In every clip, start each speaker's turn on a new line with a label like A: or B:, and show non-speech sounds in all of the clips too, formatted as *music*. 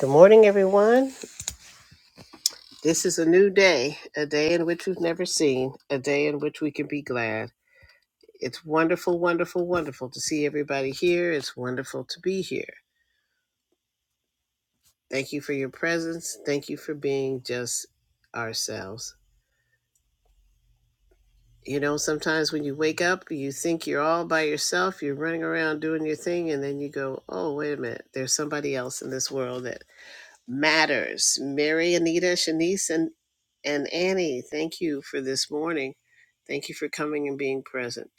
A: Good morning, everyone. This is a new day, a day in which we've never seen, a day in which we can be glad. It's wonderful, wonderful, wonderful to see everybody here. It's wonderful to be here. Thank you for your presence. Thank you for being just ourselves. You know, sometimes when you wake up, you think you're all by yourself, you're running around doing your thing, and then you go, oh, wait a minute, there's somebody else in this world That matters. Mary, Anita, Shanice, and, and Annie, thank you for this morning. Thank you for coming and being present.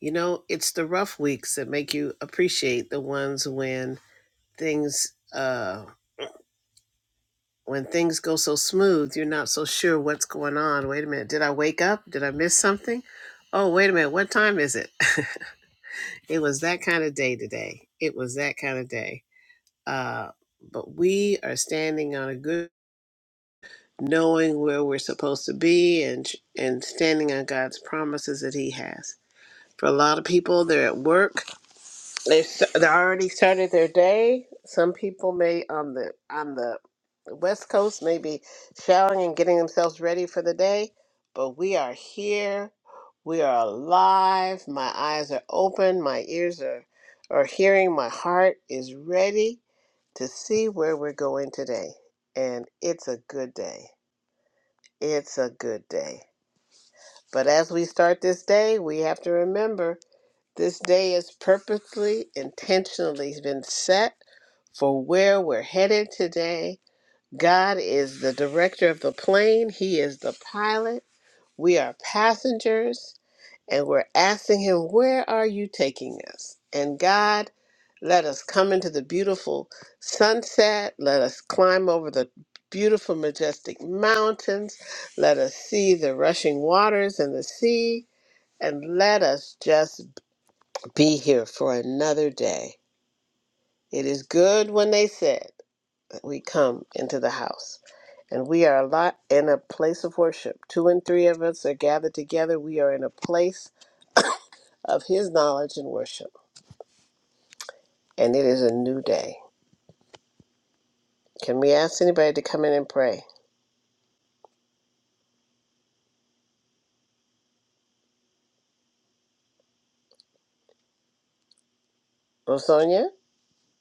A: You know, it's the rough weeks that make you appreciate the ones when things uh when things go so smooth, you're not so sure what's going on. Wait a minute, did I wake up? Did I miss something? Oh, wait a minute, what time is it? *laughs* it was that kind of day today. It was that kind of day. Uh, but we are standing on a good knowing where we're supposed to be and and standing on God's promises that He has. For a lot of people, they're at work. They st- they already started their day. Some people may on the on the West Coast may be showering and getting themselves ready for the day. But we are here. We are alive. My eyes are open. My ears are are hearing. My heart is ready to see where we're going today, and it's a good day. It's a good day. But as we start this day, we have to remember this day is purposely, intentionally been set for where we're headed today. God is the director of the plane, He is the pilot. We are passengers and we're asking Him, Where are you taking us? And God, let us come into the beautiful sunset. Let us climb over the beautiful, majestic mountains. Let us see the rushing waters and the sea. And let us just be here for another day. It is good when they said, that We come into the house. And we are a lot in a place of worship. Two and three of us are gathered together. We are in a place of His knowledge and worship. and it is a new day. Can we ask anybody to come in and pray? Rosonia?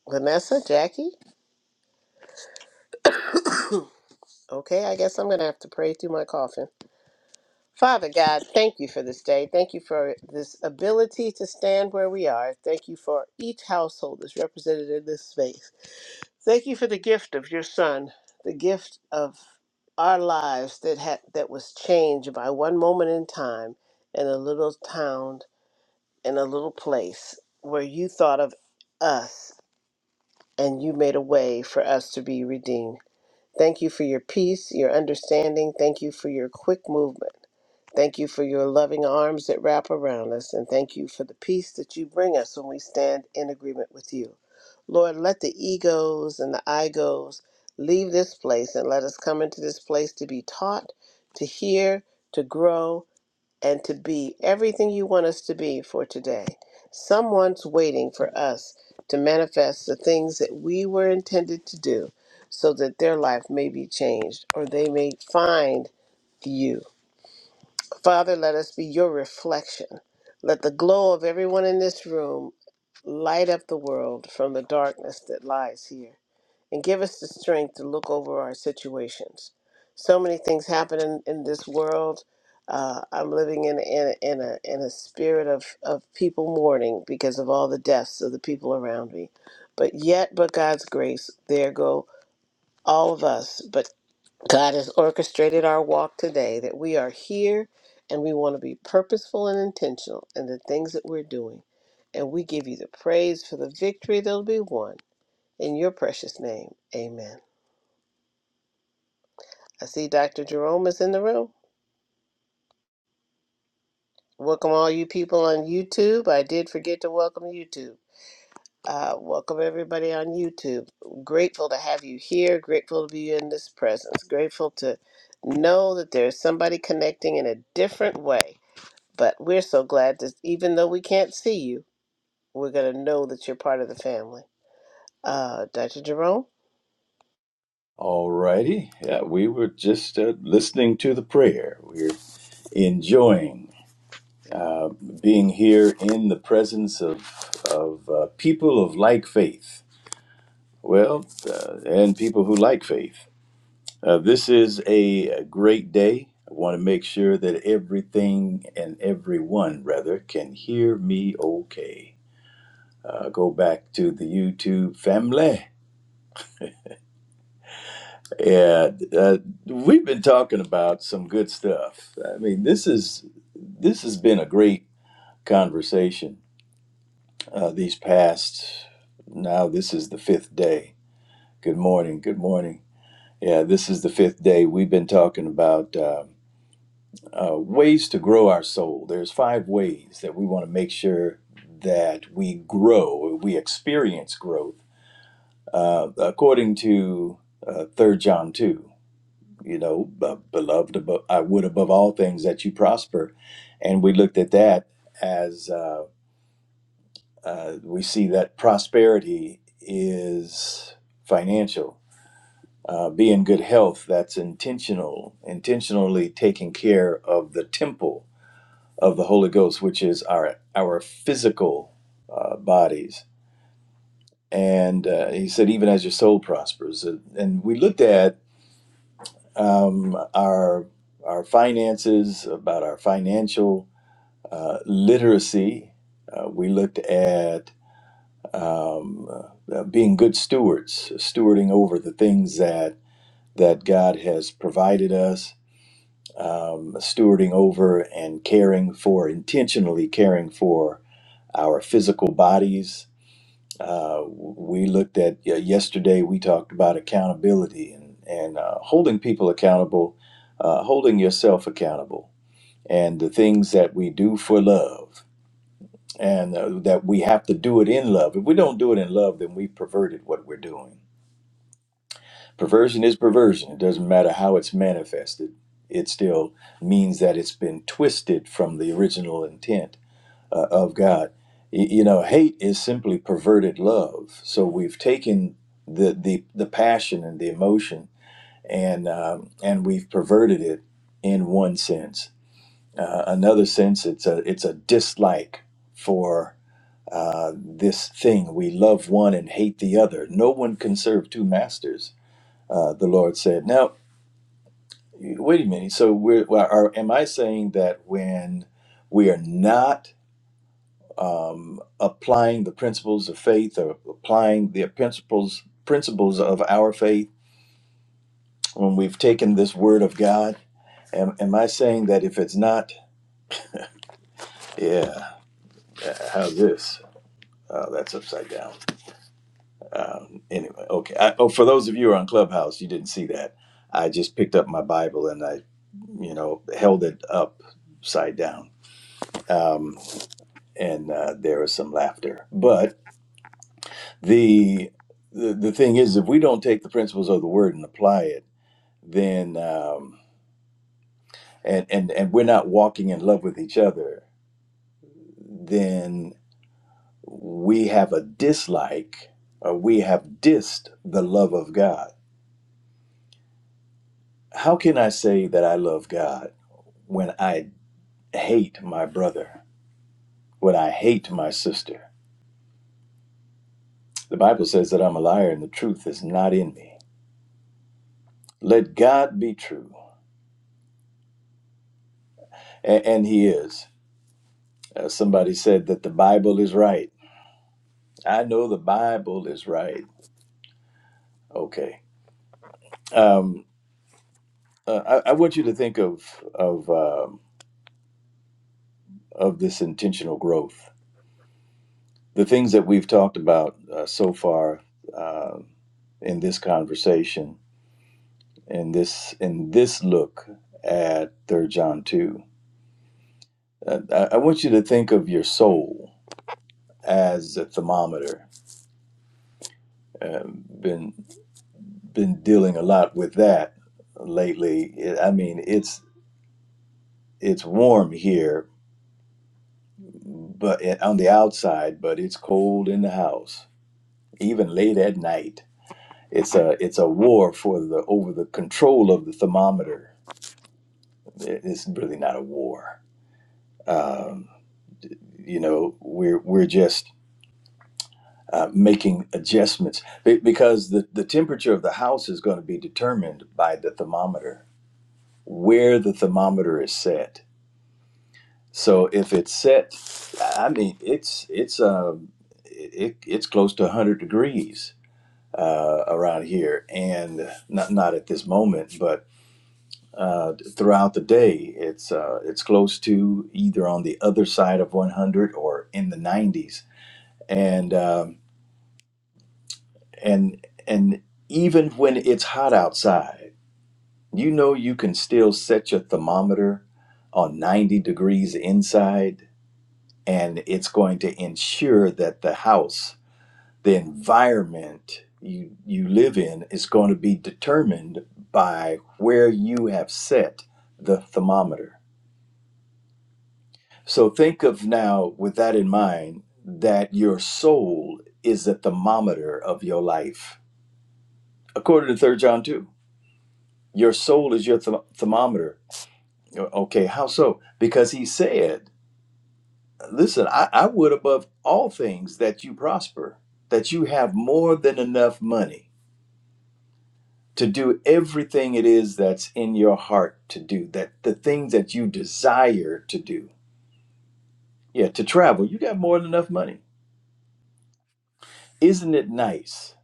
A: Vanessa? Jackie? Okay, I guess I'm going to have to pray through my coffin. Father God, thank you for this day. Thank you for this ability to stand where we are. Thank you for each household that's represented in this space. Thank you for the gift of your son, the gift of our lives that had that was changed by one moment in time in a little town in a little place where you thought of us and you made a way for us to be redeemed. Thank you for your peace, your understanding. Thank you for your quick movement. Thank you for your loving arms that wrap around us, and thank you for the peace that you bring us when we stand in agreement with you. Lord, let the egos and the igos leave this place and let us come into this place to be taught, to hear, to grow, and to be everything you want us to be for today. Someone's waiting for us to manifest the things that we were intended to do so that their life may be changed or they may find you. Father, let us be your reflection. Let the glow of everyone in this room light up the world from the darkness that lies here and give us the strength to look over our situations. So many things happen in, in this world. Uh, I'm living in, in, in, a, in a spirit of, of people mourning because of all the deaths of the people around me. But yet, but God's grace, there go all of us. But God has orchestrated our walk today that we are here and we want to be purposeful and intentional in the things that we're doing. And we give you the praise for the victory that'll be won. In your precious name, amen. I see Dr. Jerome is in the room. Welcome all you people on YouTube. I did forget to welcome YouTube. Uh, welcome everybody on YouTube. Grateful to have you here. Grateful to be in this presence. Grateful to know that there's somebody connecting in a different way. But we're so glad that even though we can't see you, we're going to know that you're part of the family. Uh, Dr. Jerome?
B: All righty. Yeah, we were just uh, listening to the prayer. We're enjoying uh, being here in the presence of, of uh, people of like faith. Well, uh, and people who like faith. Uh, this is a, a great day. I want to make sure that everything and everyone, rather, can hear me okay. Uh, go back to the YouTube family Yeah, uh, we've been talking about some good stuff. I mean, this is this has been a great conversation. Uh, these past now, this is the fifth day. Good morning. Good morning. Yeah, this is the fifth day. We've been talking about uh, uh, ways to grow our soul. There's five ways that we want to make sure that we grow, we experience growth, uh, according to uh, Third John two. you know, b- beloved above, I would above all things that you prosper. And we looked at that as uh, uh, we see that prosperity is financial. Uh, be in good health, that's intentional, intentionally taking care of the temple of the Holy Ghost, which is our, our physical uh, bodies. And uh, he said, even as your soul prospers. And and we looked at um, our our finances, about our financial uh, literacy. Uh, we looked at um, uh, being good stewards, stewarding over the things that that God has provided us, um, stewarding over and caring for, intentionally caring for our physical bodies, uh, we looked at y- yesterday. We talked about accountability and and uh, holding people accountable, uh, holding yourself accountable, and the things that we do for love, and uh, that we have to do it in love. If we don't do it in love, then we perverted what we're doing. Perversion is perversion. It doesn't matter how it's manifested. It still means that it's been twisted from the original intent uh, of God. Y- You know, hate is simply perverted love. So we've taken the the, the passion and the emotion, and um, and we've perverted it in one sense. Uh, another sense, it's a it's a dislike for uh, this thing. We love one and hate the other. No one can serve two masters. Uh, the Lord said. Now, wait a minute. So we're, well, are, am I saying that when we are not um, applying the principles of faith or applying the principles principles of our faith when we've taken this word of God. Am, am I saying that if it's not, yeah, uh, how's this? Uh, that's upside down. Um, anyway, okay. I, oh, for those of you who are on Clubhouse, you didn't see that. I just picked up my Bible and I, you know, held it upside down. Um, and uh, there was some laughter. the the, the thing is if we don't take the principles of the word and apply it then um, and and and we're not walking in love with each other then we have a dislike or we have dissed the love of god how can i say that i love god when i hate my brother when i hate my sister the bible says that i'm a liar and the truth is not in me let god be true a- and he is Uh, somebody said that the Bible is right. I know the Bible is right. Okay. Um, uh, I, I want you to think of of um, of this intentional growth. The things that we've talked about uh, so far uh, in this conversation, in this in this look at Third John two. Uh, I, I want you to think of your soul as a thermometer. Uh, been been dealing a lot with that lately. I mean, it's It's warm here, but eh, on the outside, but it's cold in the house, even late at night. It's a it's a war for the over the control of the thermometer. It- It's really not a war. Um, you know, we're we're just uh, making adjustments Be- because the the temperature of the house is going to be determined by the thermometer, where the thermometer is set So if it's set, I mean, it's it's um it it's close to 100 degrees uh, around here, and not not at this moment, but uh, throughout the day, it's uh, it's close to either on the other side of 100 or in the 90s, and um, and and even when it's hot outside, you know you can still set your thermometer on 90 degrees inside and it's going to ensure that the house the environment you you live in is going to be determined by where you have set the thermometer so think of now with that in mind that your soul is the thermometer of your life according to Third john 2 your soul is your th- thermometer okay how so because he said Listen, I, I would above all things that you prosper, that you have more than enough money to do everything it is that's in your heart to do, that the things that you desire to do. Yeah, to travel, you got more than enough money. Isn't it nice?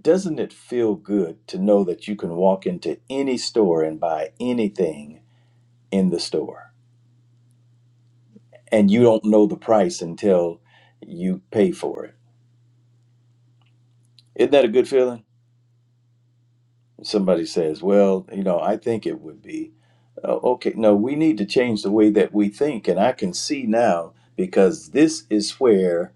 B: Doesn't it feel good to know that you can walk into any store and buy anything in the store and you don't know the price until you pay for it? Isn't that a good feeling? somebody says, well, you know, I think it would be. Uh, okay, no, we need to change the way that we think. And I can see now because this is where,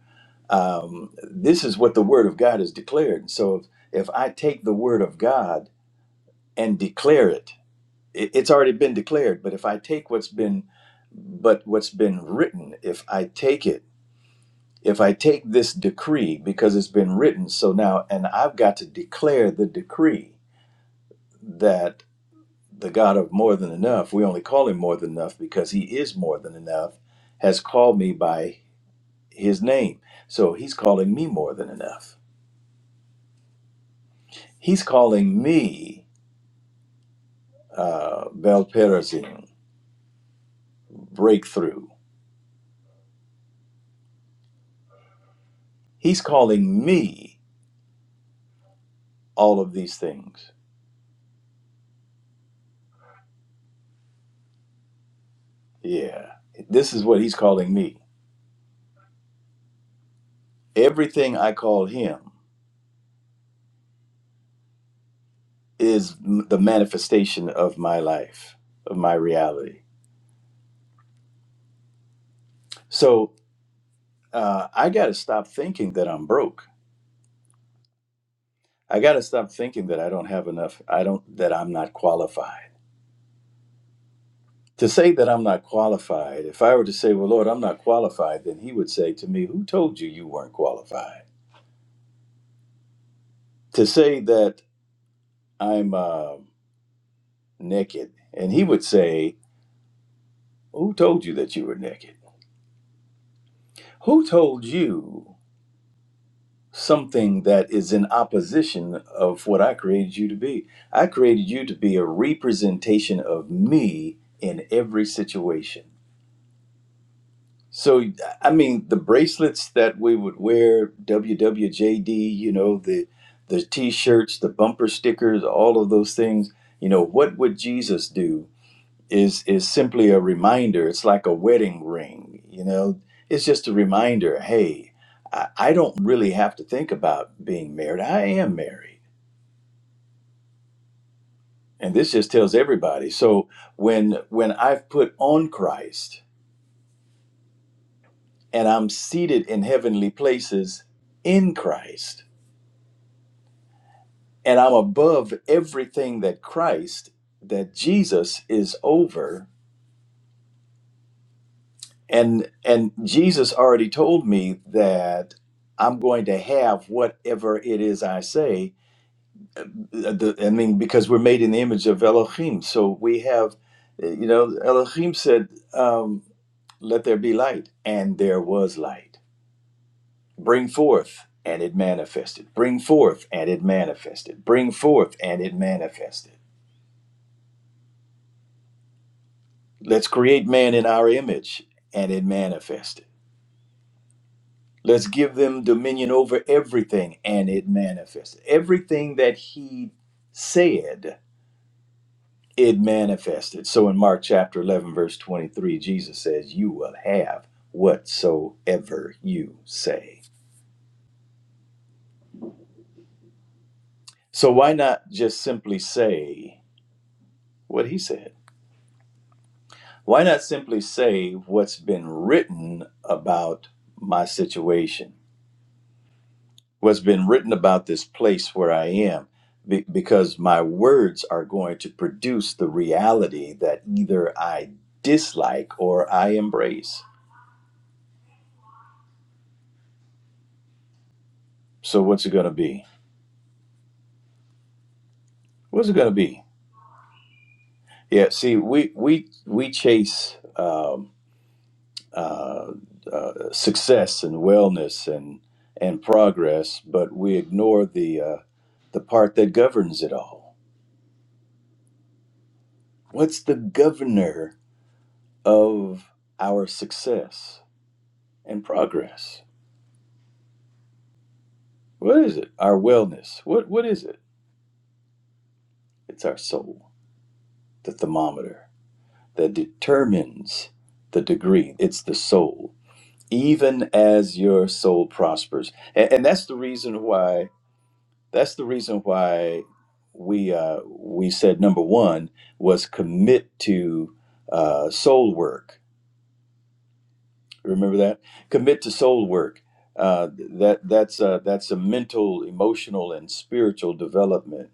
B: um, this is what the Word of God is declared. so if, if I take the Word of God and declare it, it, it's already been declared. But if I take what's been, but what's been written, if I take it, if I take this decree because it's been written, so now, and I've got to declare the decree that. the God of more than enough, we only call him more than enough because he is more than enough, has called me by his name. So he's calling me more than enough. He's calling me uh, Belperazim, breakthrough. He's calling me all of these things. Yeah, this is what he's calling me. Everything I call him is m- the manifestation of my life, of my reality. So uh, I got to stop thinking that I'm broke. I got to stop thinking that I don't have enough. I don't, that I'm not qualified. To say that I'm not qualified, if I were to say, well, Lord, I'm not qualified, then He would say to me, Who told you you weren't qualified? To say that I'm uh, naked, and He would say, Who told you that you were naked? Who told you something that is in opposition of what I created you to be? I created you to be a representation of me in every situation. So, I mean, the bracelets that we would wear, WWJD, you know, the the t-shirts, the bumper stickers, all of those things, you know, what would Jesus do is is simply a reminder. It's like a wedding ring, you know. It's just a reminder, hey, I, I don't really have to think about being married. I am married. And this just tells everybody. So when when I've put on Christ and I'm seated in heavenly places in Christ, and I'm above everything that Christ, that Jesus is over. And and Jesus already told me that I'm going to have whatever it is I say. The- the- I mean, because we're made in the image of Elohim, so we have, uh, you know, Elohim said, um, "Let there be light," and there was light. Bring forth, and it manifested. Bring forth, and it manifested. Bring forth, and it manifested Let's create man in our image and it manifested. Let's give them dominion over everything and it manifested. Everything that he said, it manifested. So in Mark chapter 11, verse 23, Jesus says, You will have whatsoever you say. So why not just simply say what he said? Why not simply say what's been written about my situation? what's been written about this place where I am be- because my words are going to produce the reality that either I dislike or I embrace. So what's it going to be? What's it going to be? Yeah, see, we we we chase um, uh, uh, success and wellness and and progress, but we ignore the uh, the part that governs it all. What's the governor of our success and progress? What is it? Our wellness. What what is it? It's our soul, the thermometer that determines the degree. It's the soul. Even as your soul prospers, and, and that's the reason why. That's the reason why we uh, we said number one was commit to uh, soul work. Remember that commit to soul work. Uh, that that's uh, that's a mental, emotional, and spiritual development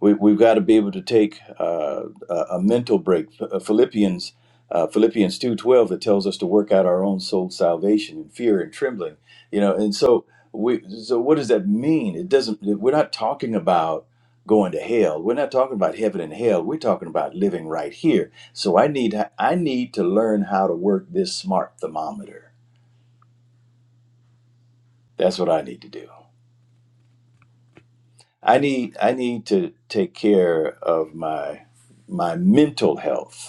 B: We, we've got to be able to take uh, a, a mental break. uh, Philippians uh, Philippians two twelve it tells us to work out our own soul salvation in fear and trembling. You know, and so we so what does that mean? It doesn't. We're not talking about going to hell. We're not talking about heaven and hell. We're talking about living right here. So I need I need to learn how to work this smart thermometer. That's what I need to do. I need I need to take care of my my mental health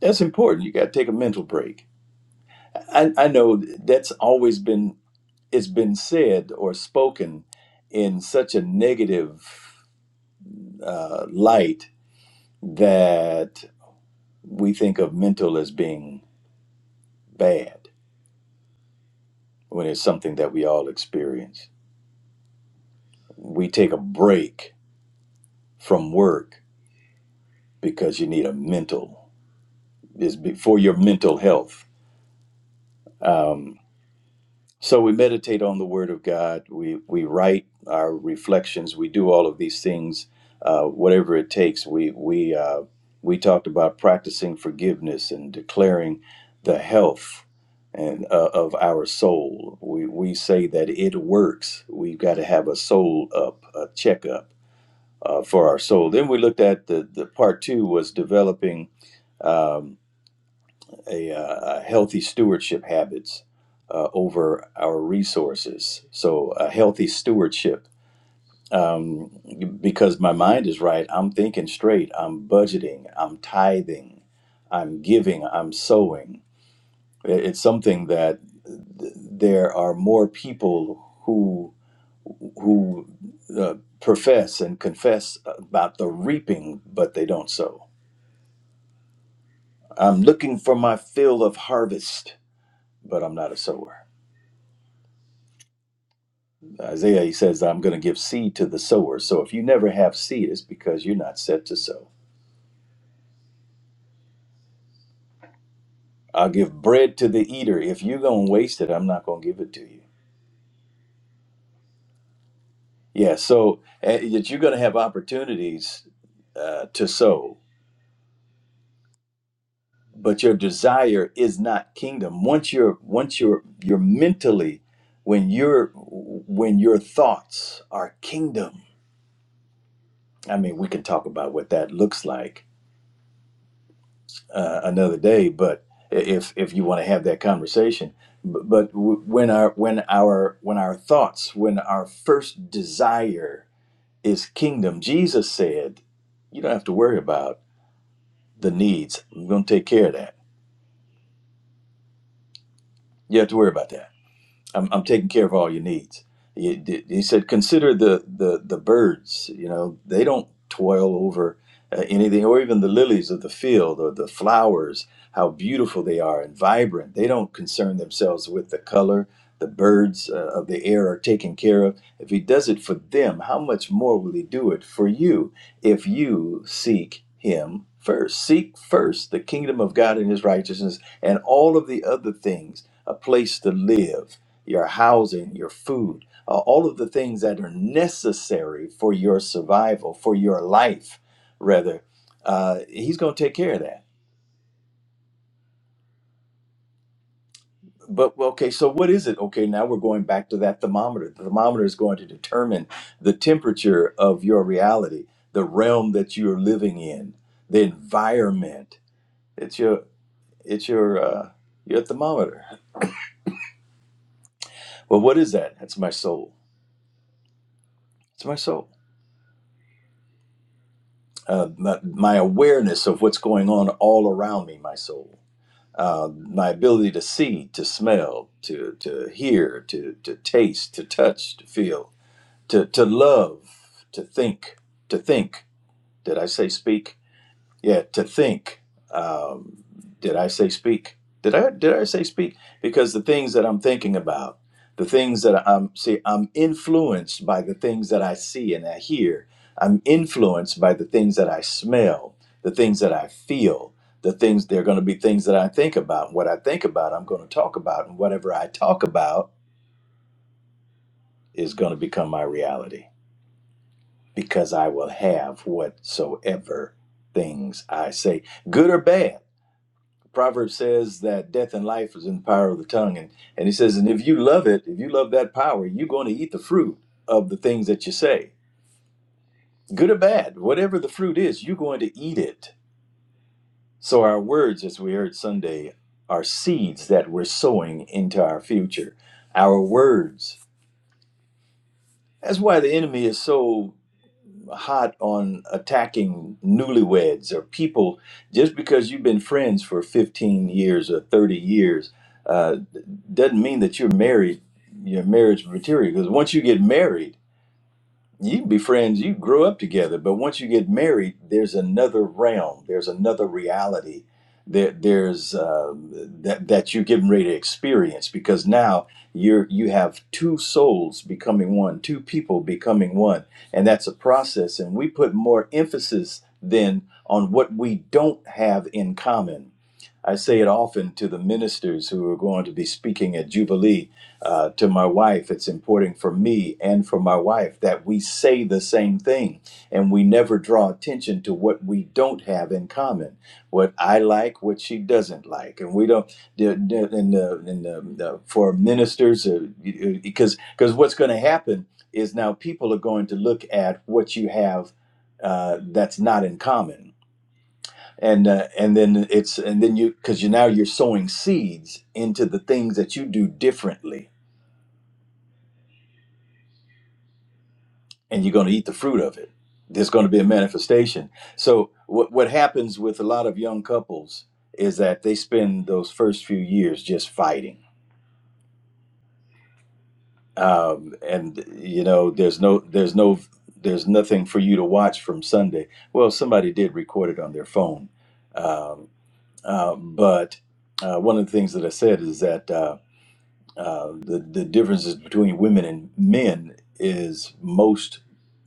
B: That's important. You got to take a mental break. I, I know that's always been it's been said or spoken in such a negative uh, light that we think of mental as being bad when it's something that we all experience. We take a break from work because you need a mental is for your mental health. Um, So we meditate on the Word of God. We we write our reflections. We do all of these things, uh, whatever it takes. We we uh, we talked about practicing forgiveness and declaring the health and uh, of our soul. We we say that it works. We've got to have a soul up, a checkup uh, for our soul. Then we looked at the the part two was developing. Um, a, uh, a healthy stewardship habits uh, over our resources. So a healthy stewardship um, because my mind is right. I'm thinking straight. I'm budgeting. I'm tithing. I'm giving. I'm sowing. It- It's something that th- there are more people who who uh, profess and confess about the reaping, but they don't sow. I'm looking for my fill of harvest, but I'm not a sower. Isaiah, he says, I'm going to give seed to the sower. So if you never have seed, it's because you're not set to sow. I'll give bread to the eater. If you're going to waste it, I'm not going to give it to you. Yeah, so uh, that you're going to have opportunities uh, to sow, but your desire is not kingdom. Once you're, once you're, you're mentally, when you're, when your thoughts are kingdom. I mean, we can talk about what that looks like uh, another day. But if if you want to have that conversation, B- but w- when our when our when our thoughts, when our first desire is kingdom, Jesus said, you don't have to worry about the needs. I'm going to take care of that. You don't have to worry about that I'm, I'm taking care of all your needs. He, he said, consider the, the, the birds, you know, they don't toil over uh, anything, or even the lilies of the field or the flowers, how beautiful they are and vibrant. They don't concern themselves with the color. The birds uh, of the air are taken care of. If he does it for them, how much more will he do it for you if you seek him first? Seek first the kingdom of God and his righteousness, and all of the other things, a place to live your housing, your food, uh, all of the things that are necessary for your survival, for your life, rather. Uh, he's going to take care of that. But well, okay, so what is it? Okay, now we're going back to that thermometer. The thermometer is going to determine the temperature of your reality, the realm that you're living in, the environment. It's your it's your uh, your thermometer. Well, what is that? That's my soul. It's my soul. uh, my, my awareness of what's going on all around me, my soul, uh, my ability to see, to smell, to, to hear, to, to taste, to touch, to feel, to, to love, to think, to think. Did I say speak? Yeah, to think. Um, did I say speak? Did I did I say speak? Because the things that I'm thinking about, the things that I'm see, I'm influenced by the things that I see and I hear. I'm influenced by the things that I smell, the things that I feel, the things they're going to be things that I think about. What I think about, I'm going to talk about, and whatever I talk about is going to become my reality because I will have whatsoever things I say, good or bad Proverbs says that death and life is in the power of the tongue. And, and he says, and if you love it, if you love that power, you're going to eat the fruit of the things that you say. Good or bad, whatever the fruit is, you're going to eat it. So our words, as we heard Sunday, are seeds that we're sowing into our future. Our words. That's why the enemy is so hot on attacking newlyweds or people just because you've been friends for 15 years or 30 years uh, doesn't mean that you're married, your marriage material. Because once you get married, you can be friends you grow up together but once you get married there's another realm there's another reality there, there's um that that you're getting ready to experience because now you're you have two souls becoming one two people becoming one and that's a process and we put more emphasis then on what we don't have in common I say it often to the ministers who are going to be speaking at Jubilee uh, to my wife. It's important for me and for my wife that we say the same thing and we never draw attention to what we don't have in common, what I like, what she doesn't like, and we don't. And the, and the, for ministers, because uh, because what's going to happen is now people are going to look at what you have uh, that's not in common. And uh, and then it's and then you because you now you're sowing seeds into the things that you do differently and you're going to eat the fruit of it. There's going to be a manifestation. So what what happens with a lot of young couples is that they spend those first few years just fighting, um, and you know there's no there's no there's nothing for you to watch from Sunday. Well, somebody did record it on their phone, um, uh, but uh, one of the things that I said is that uh, uh, the the differences between women and men is most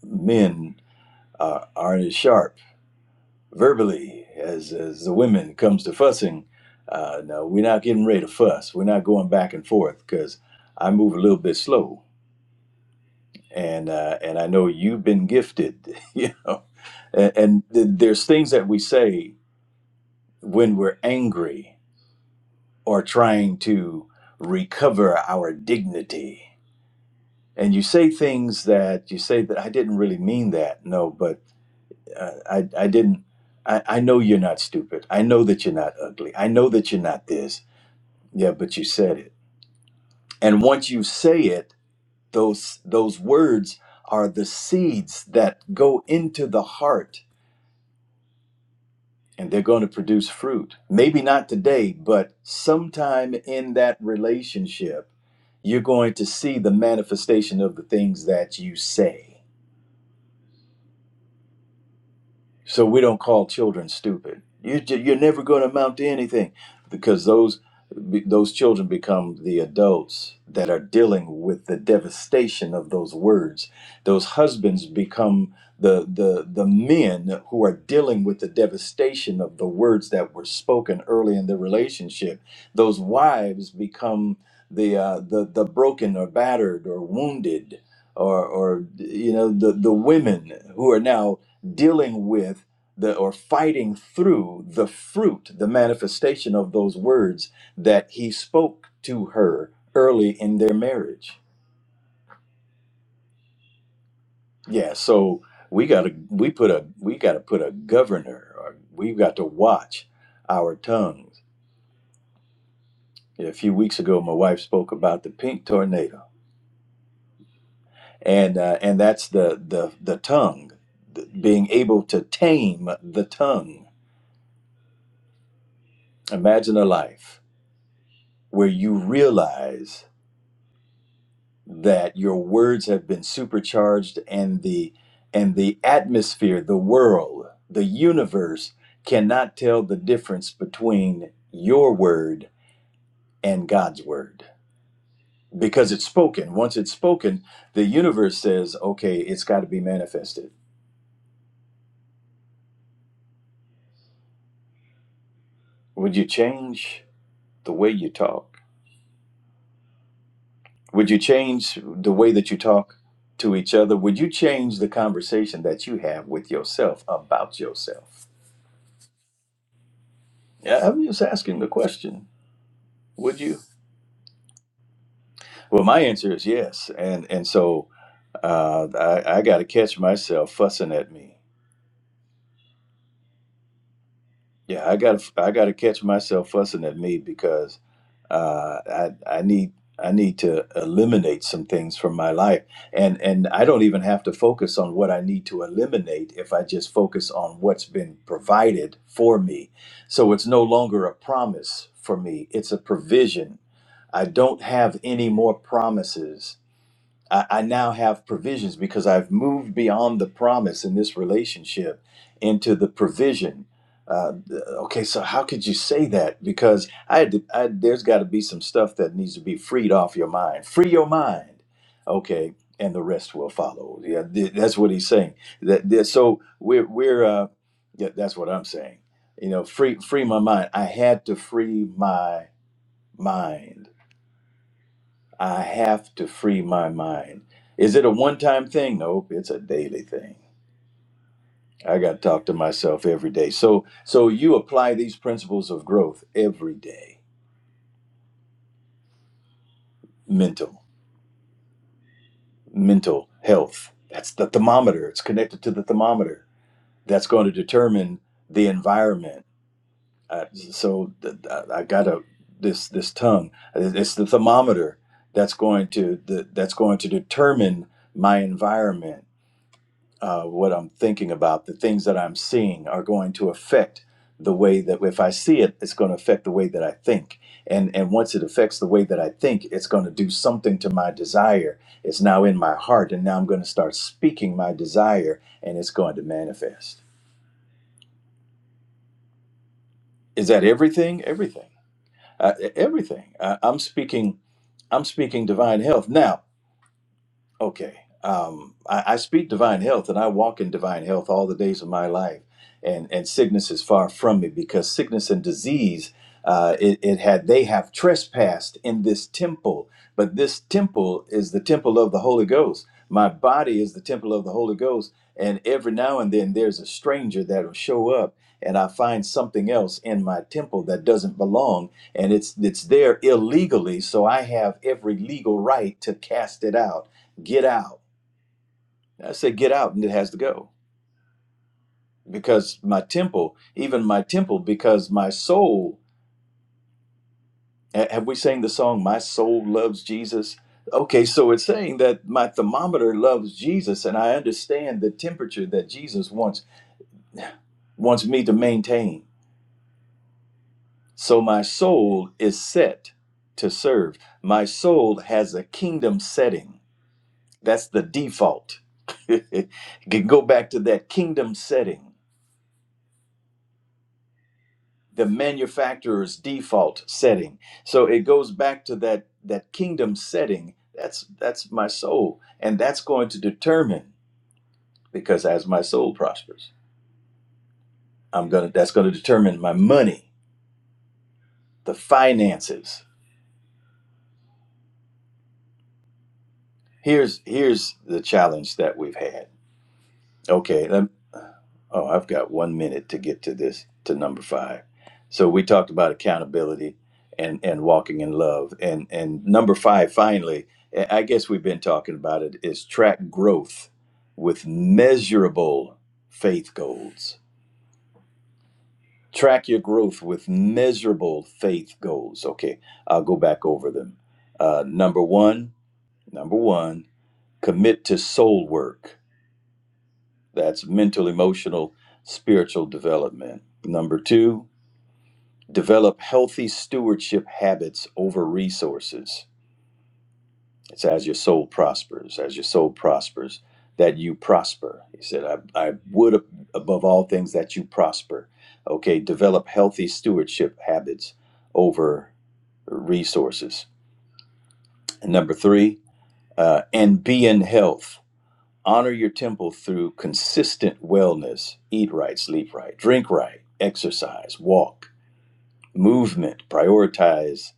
B: men uh, aren't as sharp verbally as as the women comes to fussing uh no we're not getting ready to fuss we're not going back and forth because i move a little bit slow and uh and i know you've been gifted *laughs* you know and, and th- there's things that we say when we're angry or trying to recover our dignity and you say things that you say that i didn't really mean that no but uh, i i didn't I, I know you're not stupid. I know that you're not ugly. I know that you're not this. Yeah, but you said it. And once you say it, those those words are the seeds that go into the heart and they're going to produce fruit. Maybe not today, but sometime in that relationship, you're going to see the manifestation of the things that you say. so we don't call children stupid. You ju- you're never going to amount to anything because those those children become the adults that are dealing with the devastation of those words. Those husbands become the the the men who are dealing with the devastation of the words that were spoken early in the relationship. Those wives become the uh, the the broken or battered or wounded or or you know the the women who are now dealing with the or fighting through the fruit, the manifestation of those words that he spoke to her early in their marriage. Yeah, so we gotta we put a we gotta put a governor or we've got to watch our tongues. A few weeks ago my wife spoke about the pink tornado. And uh, and that's the the the tongue, th- being able to tame the tongue. Imagine a life where you realize that your words have been supercharged and the and the atmosphere the world the universe cannot tell the difference between your word and God's word because it's spoken once it's spoken the universe says okay it's got to be manifested would you change the way you talk would you change the way that you talk to each other would you change the conversation that you have with yourself about yourself yeah i'm just asking the question Would you? Well, my answer is yes, and and so uh, I, I got to catch myself fussing at me. Yeah, I got to I got to catch myself fussing at me because uh, I I need I need to eliminate some things from my life, and and I don't even have to focus on what I need to eliminate if I just focus on what's been provided for me. So it's no longer a promise for me; it's a provision. I don't have any more promises I, I now have provisions because I've moved beyond the promise in this relationship into the provision. Uh, okay, so how could you say that? Because I had to, I, there's got to be some stuff that needs to be freed off your mind. Free your mind, okay, and the rest will follow. Yeah, th- that's what he's saying. That, that so we're we're uh, yeah, that's what I'm saying. You know, free free my mind. I had to free my mind I have to free my mind. Is it a one time thing? Nope, it's a daily thing. I got to talk to myself every day. So so you apply these principles of growth every day. Mental, mental health. That's the thermometer. It's connected to the thermometer. That's going to determine the environment. Uh, so th- th- I got to this this tongue. It's the thermometer that's going to the, that's going to determine my environment uh, what I'm thinking about, the things that I'm seeing are going to affect the way that if I see it, it's going to affect the way that I think. And and once it affects the way that I think, it's going to do something to my desire. It's now in my heart, and now I'm going to start speaking my desire, and it's going to manifest. Is that everything? Everything. Uh, everything. I, I'm speaking. I'm speaking divine health now. Okay. Um, I, I speak divine health and I walk in divine health all the days of my life. And, and sickness is far from me because sickness and disease, uh, it, it had, they have trespassed in this temple. But this temple is the temple of the Holy Ghost. My body is the temple of the Holy Ghost. And every now and then there's a stranger that will show up and I find something else in my temple that doesn't belong. And it's, it's there illegally. So I have every legal right to cast it out Get out. I said, Get out, and it has to go. Because my temple, even my temple, because my soul, ha- have we sang the song, My Soul Loves Jesus? Okay, so it's saying that my thermometer loves Jesus, and I understand the temperature that Jesus wants wants me to maintain. So my soul is set to serve. My soul has a kingdom setting. That's the default. *laughs* Can go back to that kingdom setting. the manufacturer's default setting. So it goes back to that that kingdom setting. That's that's my soul, and that's going to determine because as my soul prospers, I'm gonna that's going to determine my money, the finances. Here's here's the challenge that we've had. Okay, let, Oh, I've got one minute to get to this to number five. So we talked about accountability and and walking in love, and and number five finally. I I guess we've been talking about it is track growth with measurable faith goals. Track your growth with measurable faith goals. Okay, I'll go back over them. Uh, number one, number one, commit to soul work. That's mental, emotional, spiritual development. Number two, Develop healthy stewardship habits over resources. It's as your soul prospers, as your soul prospers, that you prosper. He said, I, I would ab- above all things that you prosper. Okay, develop healthy stewardship habits over resources. And number three, uh, and be in health. Honor your temple through consistent wellness. Eat right, sleep right, drink right, exercise, walk movement, prioritize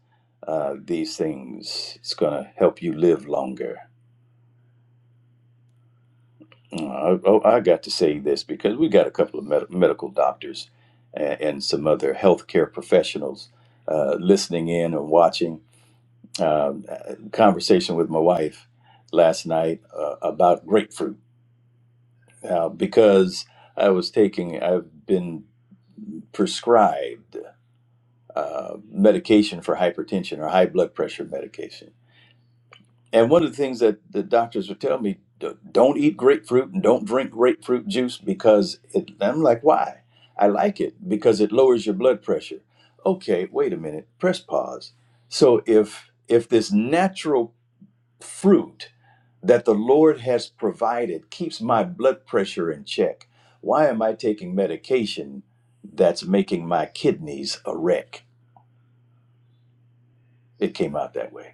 B: uh, these things. It's going to help you live longer. Uh, oh, I got to say this because we got a couple of med- medical doctors and, and some other healthcare professionals uh, listening in or watching. Um, a conversation with my wife last night uh, about grapefruit uh, because I was taking, I've been prescribed uh, medication for hypertension or high blood pressure medication And one of the things that the doctors would tell me, "D- don't eat grapefruit and don't drink grapefruit juice because it, I'm like, why? I like it because it lowers your blood pressure. Okay, wait a minute, press pause. So if if this natural fruit that the Lord has provided keeps my blood pressure in check, why am I taking medication that's making my kidneys a wreck? It came out that way.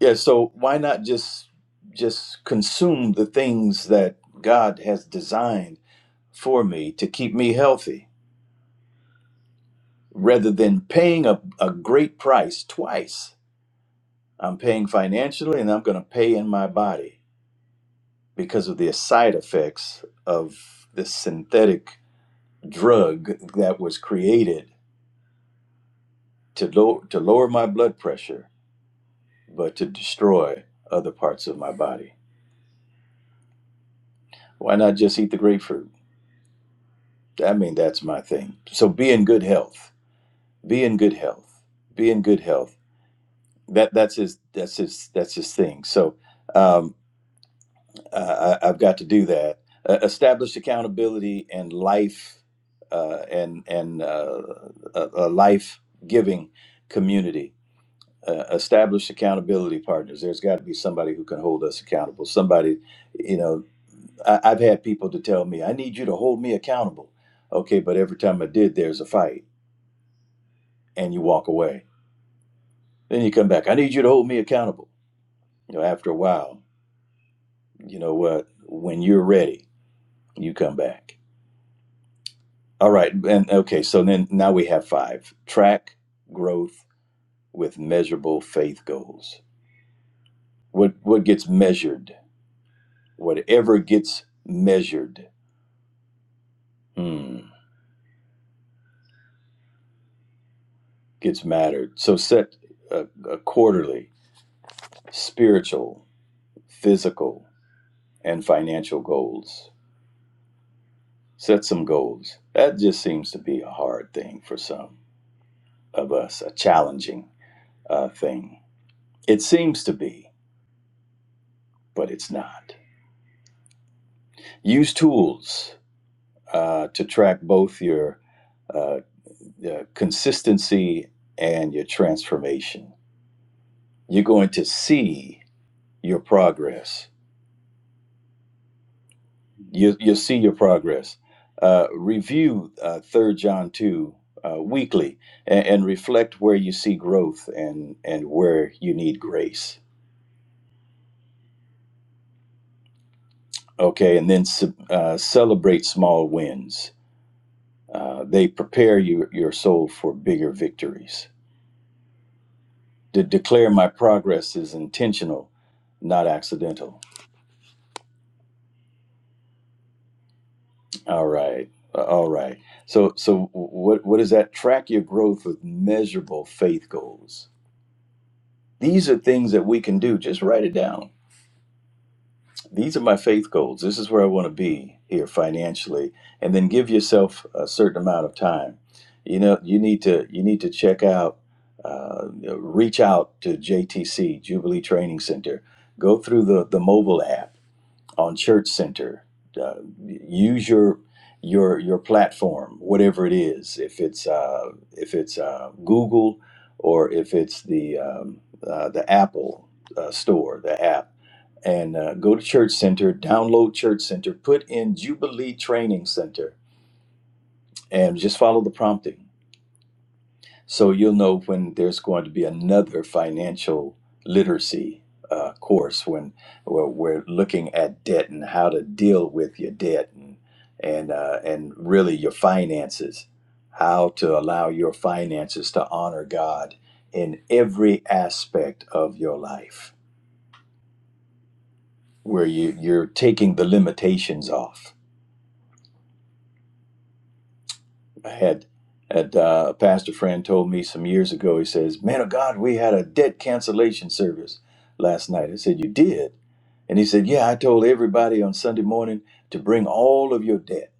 B: Yeah, so why not just just consume the things that God has designed for me to keep me healthy rather than paying a, a great price twice. I'm paying financially and I'm going to pay in my body because of the side effects of this synthetic drug that was created to low, to lower my blood pressure but to destroy other parts of my body. Why not just eat the grapefruit? I mean, that's my thing. So be in good health. Be in good health. Be in good health. That that's his that's his that's his thing. So um, I, I- I've got to do that. Uh, establish accountability and life uh, and and uh, a, a life giving community. Uh, establish accountability partners. There's got to be somebody who can hold us accountable. Somebody, you know, I, I've had people to tell me, "I need you to hold me accountable." Okay, but every time I did, there's a fight and you walk away. Then you come back. I need you to hold me accountable. You know, after a while, you know what? When you're ready, you come back. All right, and okay. So then now we have five: track growth with measurable faith goals. What what gets measured? Whatever gets measured hmm, gets mattered. So set a, a quarterly spiritual, physical, and financial goals. Set some goals. That just seems to be a hard thing for some of us, a challenging uh, thing. It seems to be, but it's not. Use tools uh, to track both your uh, uh, consistency and your transformation. You're going to see your progress. You, you'll see your progress. Uh, review uh, 3 John 2 uh, weekly and, and reflect where you see growth and, and where you need grace. Okay, and then uh, celebrate small wins Uh, they prepare you, your soul for bigger victories. To declare my progress is intentional, not accidental. All right, Uh, all right. So, so what what is that? Track your growth with measurable faith goals. These are things that we can do. Just write it down these are my faith goals. This is where I want to be here financially, and then give yourself a certain amount of time. You know, you need to you need to check out, uh, reach out to JTC Jubilee Training Center. Go through the the mobile app on Church Center. Uh, use your your your platform, whatever it is. If it's uh, if it's uh, Google or if it's the um, uh, the Apple uh, store, the app and uh, go to Church Center, download Church Center, put in Jubilee Training Center, and just follow the prompting. So you'll know when there's going to be another financial literacy uh, course when where we're looking at debt and how to deal with your debt and and uh, and really your finances, how to allow your finances to honor God in every aspect of your life, where you, you're taking the limitations off I had had uh, a pastor friend told me some years ago. He says, "Man of God, we had a debt cancellation service last night." I said, "You did?" And he said, "Yeah, I told everybody on Sunday morning to bring all of your debt."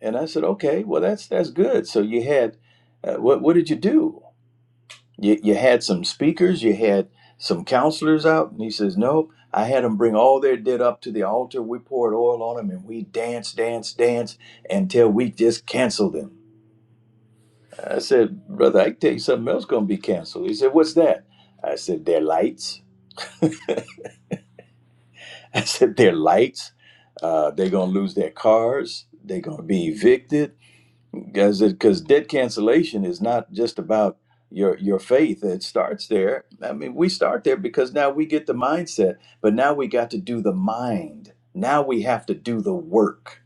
B: And I said, "Okay, well that's that's good." So you had uh, what? What did you do? You you had some speakers, you had some counselors out, and he says, "Nope." I had them bring all their debt up to the altar. We poured oil on them, and we danced, danced, danced until we just canceled them. I said, Brother, I can tell you something else going to be canceled. He said, What's that? I said, Their lights. *laughs* I said, Their lights. Uh, they're going to lose their cars. They're going to be evicted. Because debt cancellation is not just about your, your faith. It starts there. I mean, we start there because now we get the mindset, but now we got to do the mind. Now we have to do the work.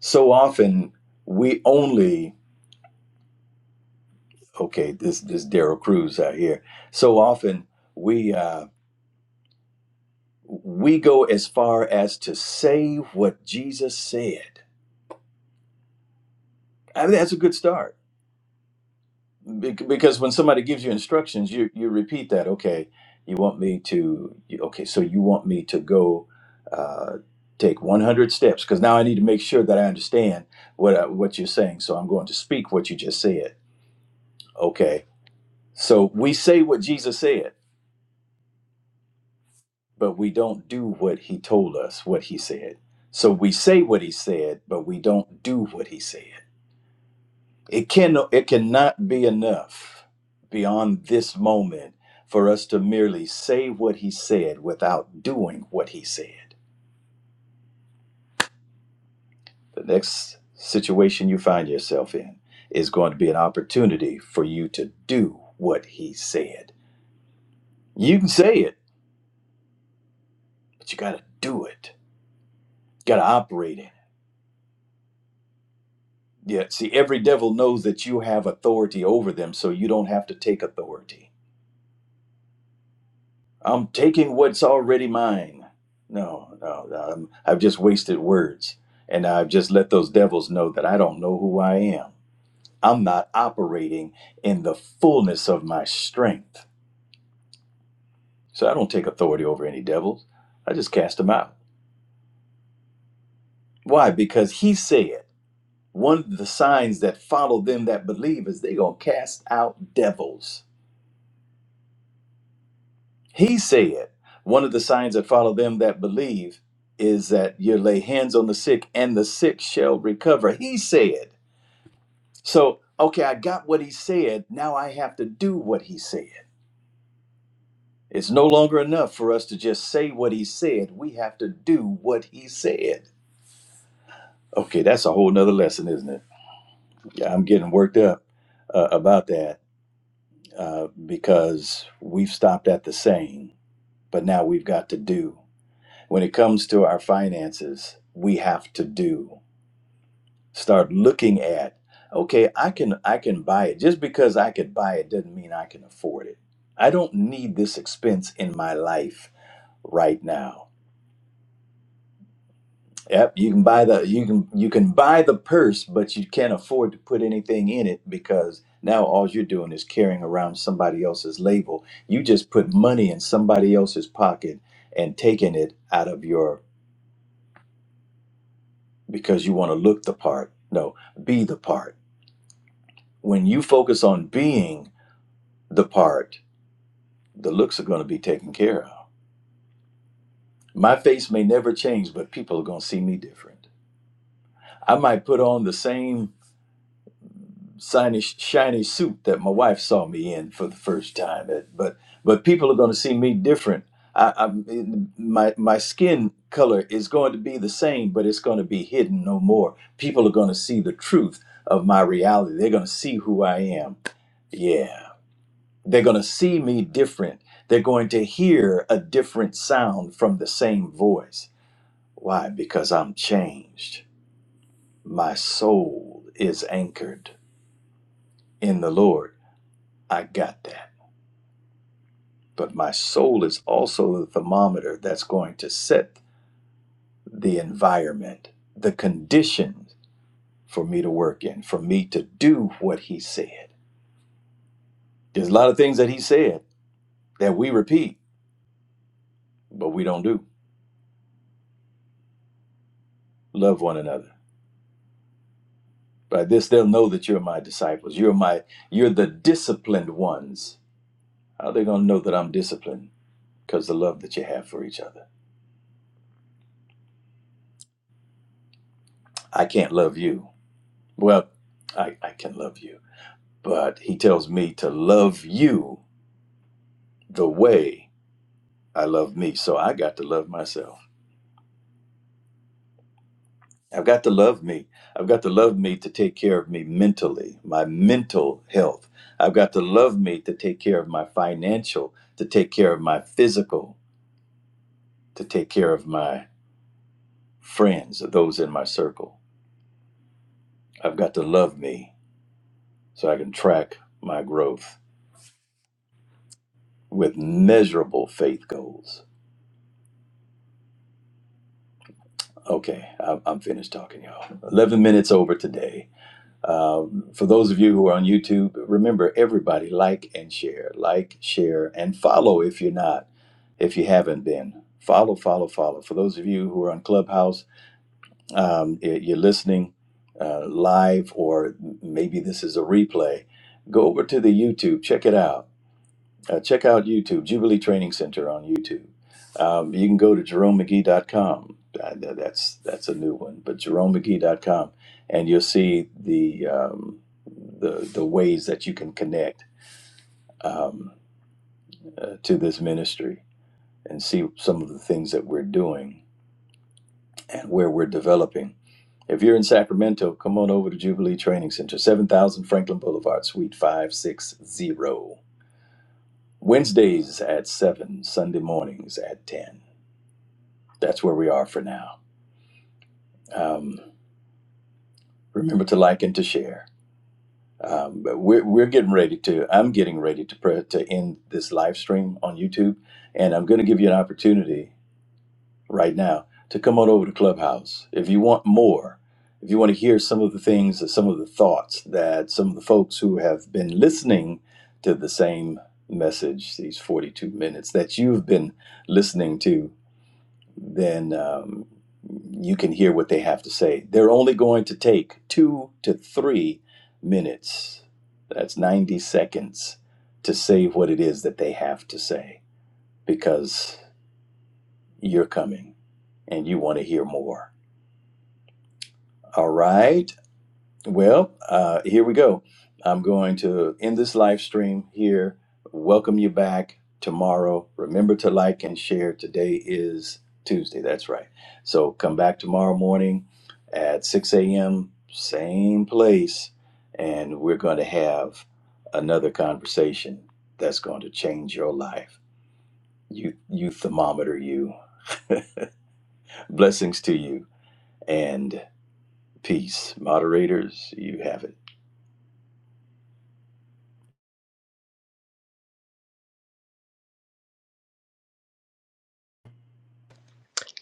B: So often we only, okay, this, this Daryl Cruz out here. So often we, Uh, we go as far as to say what Jesus said. I mean, that's a good start Bec- because when somebody gives you instructions, you you repeat that. Okay, you want me to? you- Okay, so you want me to go uh, take 100 steps because now I need to make sure that I understand what uh, what you're saying. So I'm going to speak what you just said. Okay, so we say what Jesus said, but we don't do what He told us what He said. So we say what He said, but we don't do what He said It can it cannot be enough beyond this moment for us to merely say what he said without doing what he said. The next situation you find yourself in is going to be an opportunity for you to do what he said. You can say it, but you got to do it. You got to operate in it. Yeah, see, every devil knows that you have authority over them, so you don't have to take authority. I'm taking what's already mine. No, no, no, I'm, I've just wasted words. And I've just let those devils know that I don't know who I am. I'm not operating in the fullness of my strength. So I don't take authority over any devils. I just cast them out. Why? Because he said one of the signs that follow them that believe is they going to cast out devils. He said, One of the signs that follow them that believe is that you lay hands on the sick and the sick shall recover. He said. So, okay, I got what he said. Now I have to do what he said. It's no longer enough for us to just say what he said. We have to do what he said. Okay, that's a whole nother lesson, isn't it? Yeah, I'm getting worked up uh, about that uh, because we've stopped at the saying, but now we've got to do. when it comes to our finances we have to do start looking at okay i can i can buy it just because i could buy it doesn't mean i can afford it i don't need this expense in my life right now yep you can buy the you can you can buy the purse but you can't afford to put anything in it because now all you're doing is carrying around somebody else's label you just put money in somebody else's pocket and taking it out of your because you want to look the part. No, be the part. When you focus on being the part, the looks are going to be taken care of. My face may never change, but people are going to see me different. I might put on the same shiny, shiny suit that my wife saw me in for the first time, but but people are going to see me different. I, I, my my skin color is going to be the same, but it's going to be hidden no more. People are going to see the truth of my reality. They're going to see who I am Yeah. They're going to see me different. They're going to hear a different sound from the same voice. Why? Because I'm changed. My soul is anchored in the Lord. I got that. But my soul is also the thermometer that's going to set the environment, the conditions for me to work in, for me to do what He said. There's a lot of things that He said that we repeat, but we don't do. Love one another By this they'll know that you're my disciples. You're my you're the disciplined ones. How are they gonna know that I'm disciplined? Because the love that you have for each other. I can't love you. Well, I, I can love you. But he tells me to love you the way I love me. So I got to love myself. I've got to love me. I've got to love me to take care of me mentally, my mental health. I've got to love me to take care of my financial, to take care of my physical, to take care of my friends, those in my circle. I've got to love me so I can track my growth with measurable faith goals. Okay, I'm, I'm finished talking, y'all. 11 minutes over today. Uh, for those of you who are on YouTube, remember everybody like and share, like, share, and follow if you're not, if you haven't been. Follow, follow, follow. For those of you who are on Clubhouse, um, if you're listening uh, live, or maybe this is a replay, go over to the YouTube, check it out. Uh, check out YouTube, Jubilee Training Center on YouTube. Um, you can go to jeromemcgee.com. Uh, th- that's that's a new one, but jeromemcgee.com, and you'll see the um, the the ways that you can connect um, uh, to this ministry and see some of the things that we're doing and where we're developing. If you're in Sacramento, come on over to Jubilee Training Center, 7000 Franklin Boulevard, Suite 560. Wednesdays at 7, Sunday mornings at 10. That's where we are for now. Um, remember to like and to share. Um, but we're, we're getting ready to, I'm getting ready to, pre- to end this live stream on YouTube, and I'm going to give you an opportunity. right now to come on over to Clubhouse. If you want more, if you want to hear some of the things, some of the thoughts that some of the folks who have been listening to the same message, these 42 minutes that you've been listening to, then um, you can hear what they have to say. They're only going to take two to three minutes. That's 90 seconds to say what it is that they have to say because you're coming and you want to hear more All right. Well, uh, here we go. I'm going to end this live stream here. Welcome you back tomorrow. Remember to like and share. Today is Tuesday. That's right. So come back tomorrow morning at 6 a.m., same place. And we're going to have another conversation that's going to change your life. You, you thermometer, you. Blessings to you and peace. Moderators, you have it.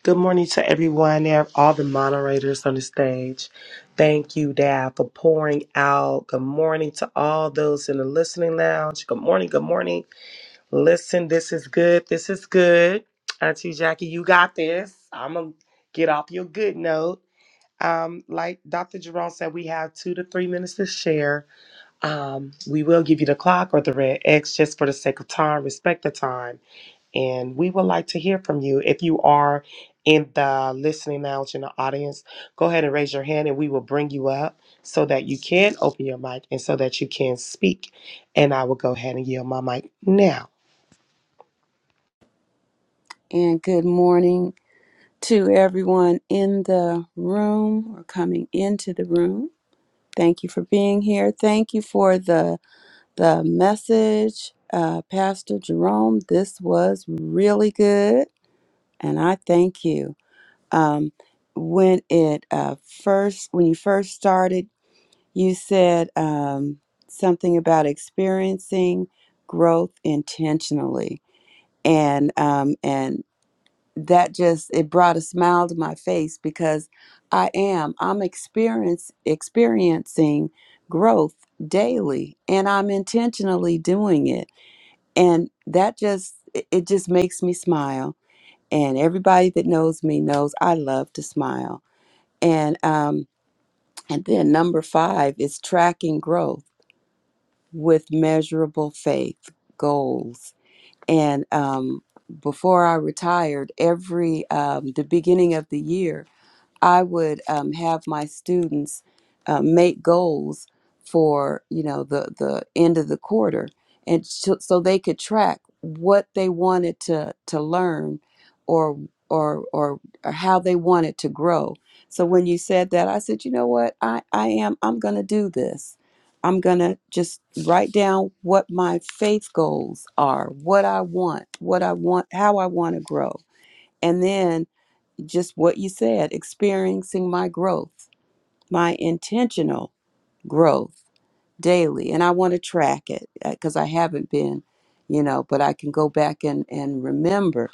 C: Good morning to everyone there, all the moderators on the stage. Thank you, Dad, for pouring out. Good morning to all those in the listening lounge. Good morning, good morning. Listen, this is good. This is good. Auntie Jackie, you got this. I'm going to get off your good note. Um, like Dr. Jerome said, we have two to three minutes to share. Um, we will give you the clock or the red X just for the sake of time. Respect the time and we would like to hear from you. If you are in the listening lounge in the audience, go ahead and raise your hand and we will bring you up so that you can open your mic and so that you can speak. And I will go ahead and yield my mic now.
D: and good morning to everyone in the room or coming into the room. Thank you for being here. Thank you for the the message, uh, Pastor Jerome. This was really good, and I thank you. Um, when it uh, first, when you first started, you said um, something about experiencing growth intentionally, and um, and that just it brought a smile to my face because I am I'm experience experiencing growth daily and I'm intentionally doing it and that just it it just makes me smile and everybody that knows me knows I love to smile and um and then number 5 is tracking growth with measurable faith goals and um before I retired every um the beginning of the year I would um, have my students uh, make goals for you know the the end of the quarter, and so so they could track what they wanted to to learn, or or or, or how they wanted to grow. So when you said that, I said, you know what, I I am I'm gonna do this. I'm gonna just write down what my faith goals are, what I want, what I want, how I want to grow, and then just what you said, experiencing my growth, my intentional growth daily and i want to track it because i haven't been you know but i can go back and and remember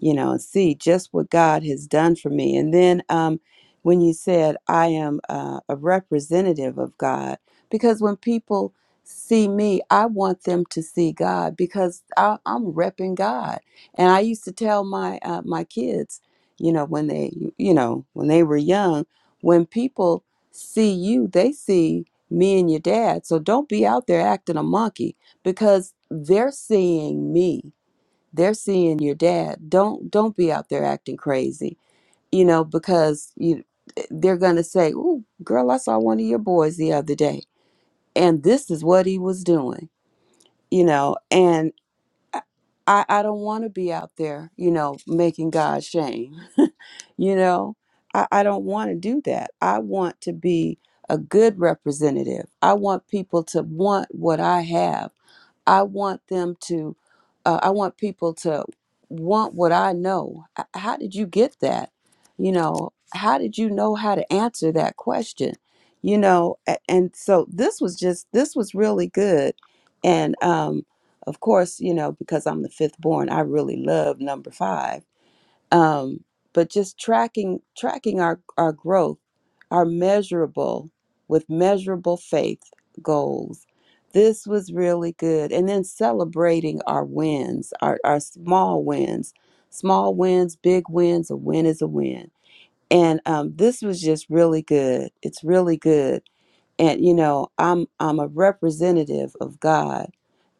D: you know and see just what god has done for me and then um when you said i am uh, a representative of god because when people see me i want them to see god because I, i'm repping god and i used to tell my uh, my kids you know when they you know when they were young when people see you they see me and your dad. So don't be out there acting a monkey because they're seeing me. They're seeing your dad. Don't don't be out there acting crazy. You know, because you they're going to say, "Ooh, girl, I saw one of your boys the other day and this is what he was doing." You know, and I I don't want to be out there, you know, making God shame. You know, I, I don't want to do that. I want to be a good representative. I want people to want what I have. I want them to, uh, I want people to want what I know. H- How did you get that? You know, how did you know how to answer that question? You know, a- and so this was just, this was really good. And um, of course, you know, because I'm the fifth born, I really love number five um, but just tracking tracking our our growth our measurable with measurable faith goals this was really good and then celebrating our wins our, our small wins small wins big wins a win is a win and um, this was just really good it's really good and you know i'm i'm a representative of god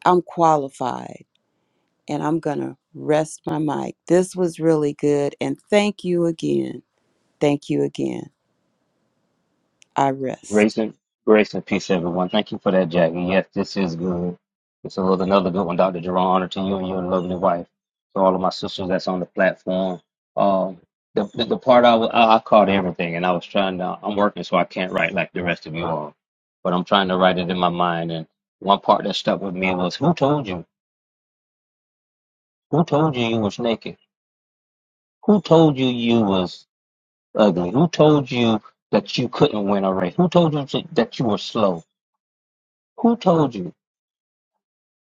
D: i'm qualified and I'm going to rest my mic. This was really good. And thank you again. Thank you again. I rest.
E: Grace and grace and peace, everyone. Thank you for that, Jack. And yes, this is good. This was another good one, Dr. Jerome. Honor to you and your lovely wife. To all of my sisters that's on the platform. Um, the, the the part I, wa- I I caught everything, and I was trying to. I'm working, so I can't write like the rest of you all, but I'm trying to write it in my mind. And one part that stuck with me was, "Who told you? Who told you you was naked? Who told you you was ugly? Who told you that you couldn't win a race? Who told you to- that you were slow? Who told you?"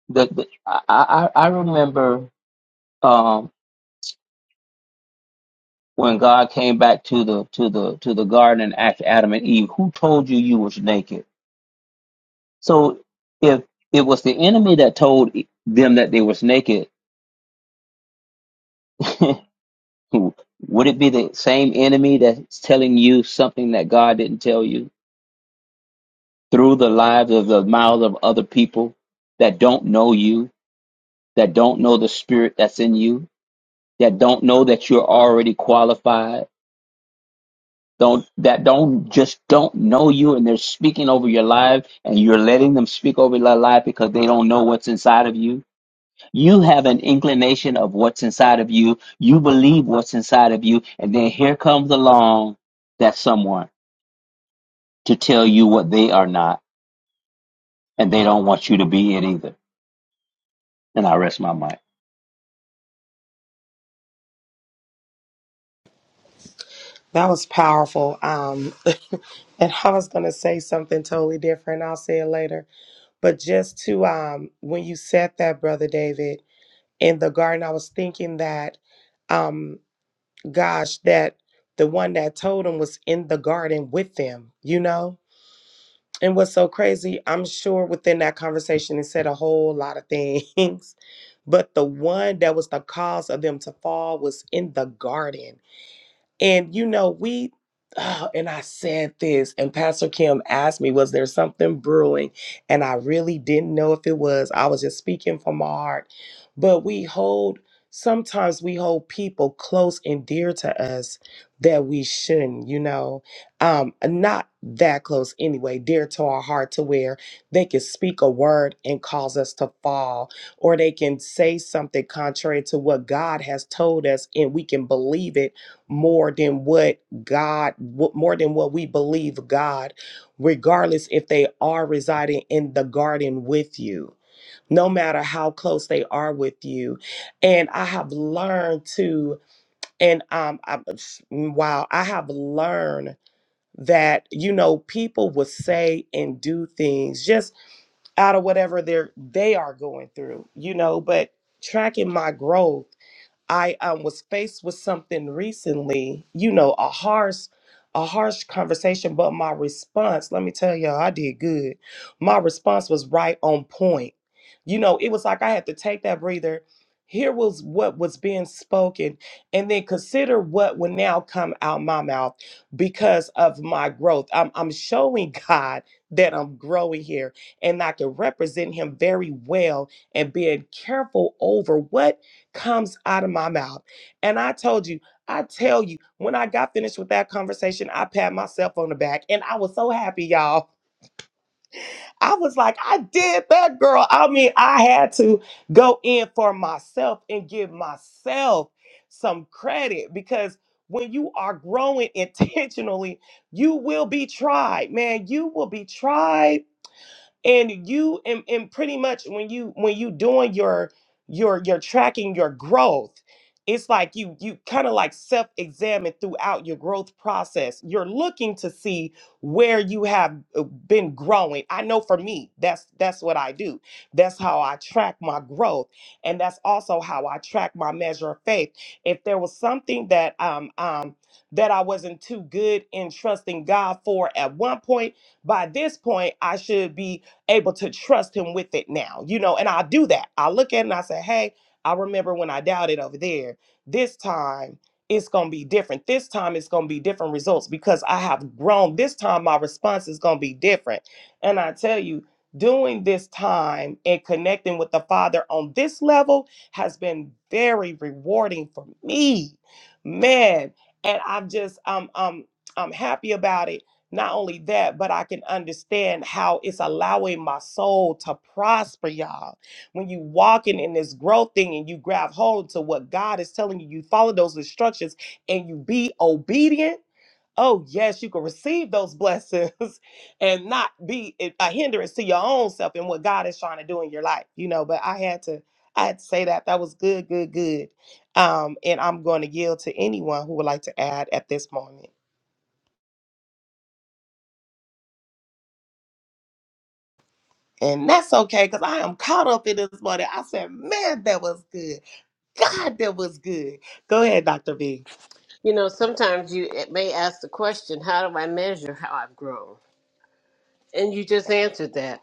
E: the, the I, I I remember um when God came back to the to the to the garden and asked Adam and Eve, "Who told you you was naked?" So if it was the enemy that told e, them that they was naked, *laughs* would it be the same enemy that's telling you something that God didn't tell you through the lives of the mouths of other people that don't know you, that don't know the spirit that's in you, that don't know that you're already qualified? don't that don't just don't know you and they're speaking over your life and you're letting them speak over your life because they don't know what's inside of you you have an inclination of what's inside of you you believe what's inside of you and then here comes along that someone to tell you what they are not and they don't want you to be it either and i rest my mind
C: That was powerful. Um, *laughs* and I was going to say something totally different. I'll say it later. But just to, um, when you said that, Brother David, in the garden, I was thinking that. um, gosh, that the one that told him was in the garden with them, you know? And what's so crazy, I'm sure within that conversation, it said a whole lot of things. *laughs* But the one that was the cause of them to fall was in the garden. And you know, we ah, and I said this, and Pastor Kim asked me, was there something brewing? And I really didn't know if it was. I was just speaking from my heart. But we hold sometimes we hold people close and dear to us that we shouldn't, you know. Um, not that close anyway, dear to our heart to where they can speak a word and cause us to fall, or they can say something contrary to what God has told us, and we can believe it more than what God, what- more than what we believe God, regardless if they are residing in the garden with you, no matter how close they are with you. And I have learned to, and um, I, wow, I have learned that you know people will say and do things just out of whatever they're they are going through, you know, but tracking my growth I um, was faced with something recently, you know, a harsh, a harsh conversation, but my response, let me tell y'all, I did good. My response was right on point. You know, it was like I had to take that breather. Here was what was being spoken, and then consider what would now come out my mouth because of my growth. I'm, I'm showing *laughs* God that I'm growing here, and I can represent Him very well, and being careful over what comes out of my mouth. And I told you, I tell you, when I got finished with that conversation, I pat myself on the back and I was so happy, y'all. I was like, I did that, girl. I mean, I had to go in for myself and give myself some credit because when you are growing *laughs* intentionally, you will be tried, man. You will be tried and you and, and pretty much when you when you doing your your your tracking your growth it's like you you kind of like self-examine throughout your growth process you're looking to see where you have uh, been growing i know for me that's that's what i do that's how i track my growth and that's also how i track my measure of faith if there was something that um um that i wasn't too good in trusting god for at one point by this point i should be able to trust him with it now, you know. And I do that. I look at it and I say, hey, I remember when I doubted over there. This time it's going to be different. This time it's going to be different results because I have grown. This time my response is going to be different. And I tell you, doing this time and connecting with the Father on this level has been very rewarding for me, man. And I'm just, I'm, I'm, I'm happy about it not only that, but I can understand how it's allowing my soul to prosper, y'all. When you walking in this growth thing and you grab hold to what God is telling you, you follow those instructions and you be obedient. Oh, yes, you can receive those blessings *laughs* and not be a a hindrance to your own self and what God is trying to do in your life, you know. But I had to, I had to say that. That was good, good, good. Um, and I'm going to yield to anyone who would like to add at this moment. And that's okay because I am caught up in this morning. I said, man, that was good. God, that was good. Go ahead, Dr. B.
A: You know, sometimes you it may ask the question, how do I measure how I've grown? And you just answered that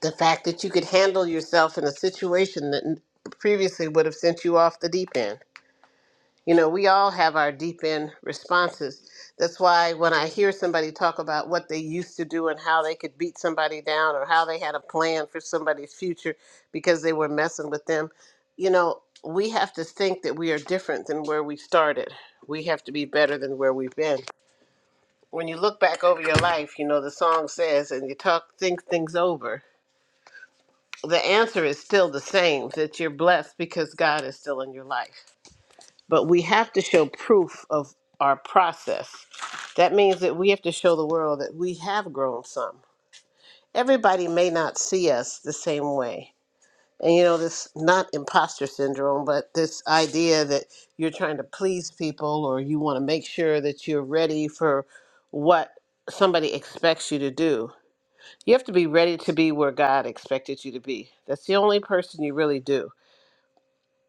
A: the fact that you could handle yourself in a situation that n- previously would have sent you off the deep end. You know, we all have our deep end responses. That's why when I hear somebody talk about what they used to do and how they could beat somebody down or how they had a plan for somebody's future because they were messing with them, you know, we have to think that we are different than where we started. We have to be better than where we've been. When you look back over your life, you know, the song says, and you talk, think things over the answer is still the same that you're blessed because God is still in your life. But we have to show proof of our process. That means that we have to show the world that we have grown some. Everybody may not see us the same way. And you know, this not imposter syndrome, but this idea that you're trying to please people or you want to make sure that you're ready for what somebody expects you to do. You have to be ready to be where God expected you to be. That's the only person you really do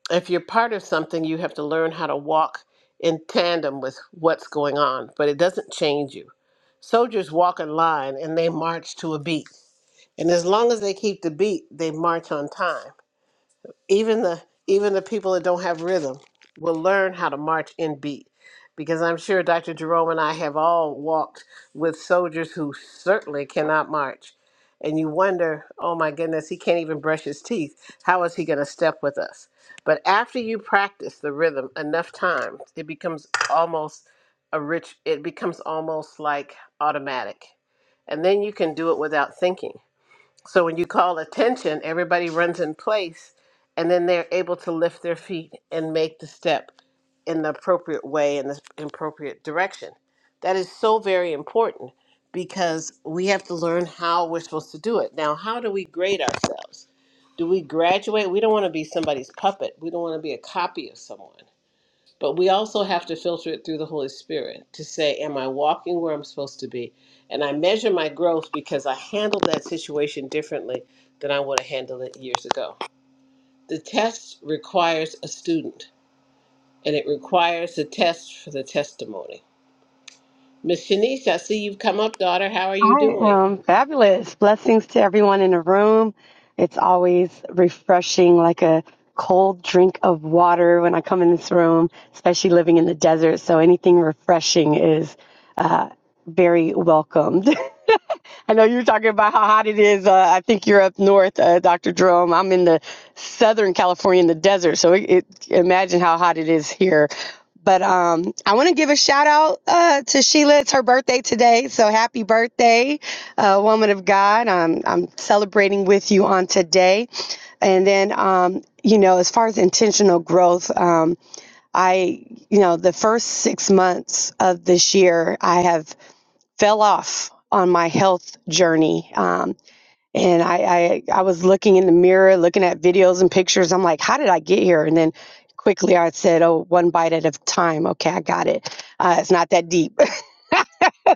A: if you're part of something, you have to learn how to walk in tandem with what's going on, but it doesn't change you. Soldiers walk in line and they march to a beat. And as long as they keep the beat, they march on time even the even the people that don't have rhythm will learn how to march in beat because i'm sure dr jerome and i have all walked with soldiers who certainly cannot march and you wonder oh my goodness he can't even brush his teeth how is he going to step with us but after you practice the rhythm enough times it becomes almost a rich it becomes almost like automatic and then you can do it without thinking so when you call attention, everybody runs in place and then they're able to lift their feet and make the step in the appropriate way in the appropriate direction. That is so very important because we have to learn how we're supposed to do it. Now, how do we grade ourselves? Do we graduate? We don't want to be somebody's puppet. We don't want to be a copy of someone. But we also have to filter it through the Holy Spirit to say, Am I walking where I'm supposed to be? And I measure my growth because I handled that situation differently than I would have handled it years ago. The test requires a student, and it requires a test for the testimony. Miss Shanice, I see you've come up, daughter. How are you
F: I
A: doing?
F: am fabulous. Blessings to everyone in the room. It's always refreshing, like a cold drink of water when I come in this room, especially living in the desert. So anything refreshing is uh, very welcomed. *laughs* I know you're talking about how hot it is. Uh, I think you're up north, uh, Dr. Jerome. I'm in the Southern California in the desert, so it, it, imagine how hot it is here. But um, I want to give a shout out uh, to Sheila. It's her birthday today, so happy birthday, uh, woman of God. I'm I'm celebrating with you on today, and then um, you know, as far as intentional growth, um, I you know, the first six months of this year, I have fell off on my health journey. Um, and I, I, I was looking in the mirror, looking at videos and pictures. I'm like, how did I get here? And then quickly I said, oh, one bite at a time. Okay, I got it. Uh, it's not that deep. *laughs*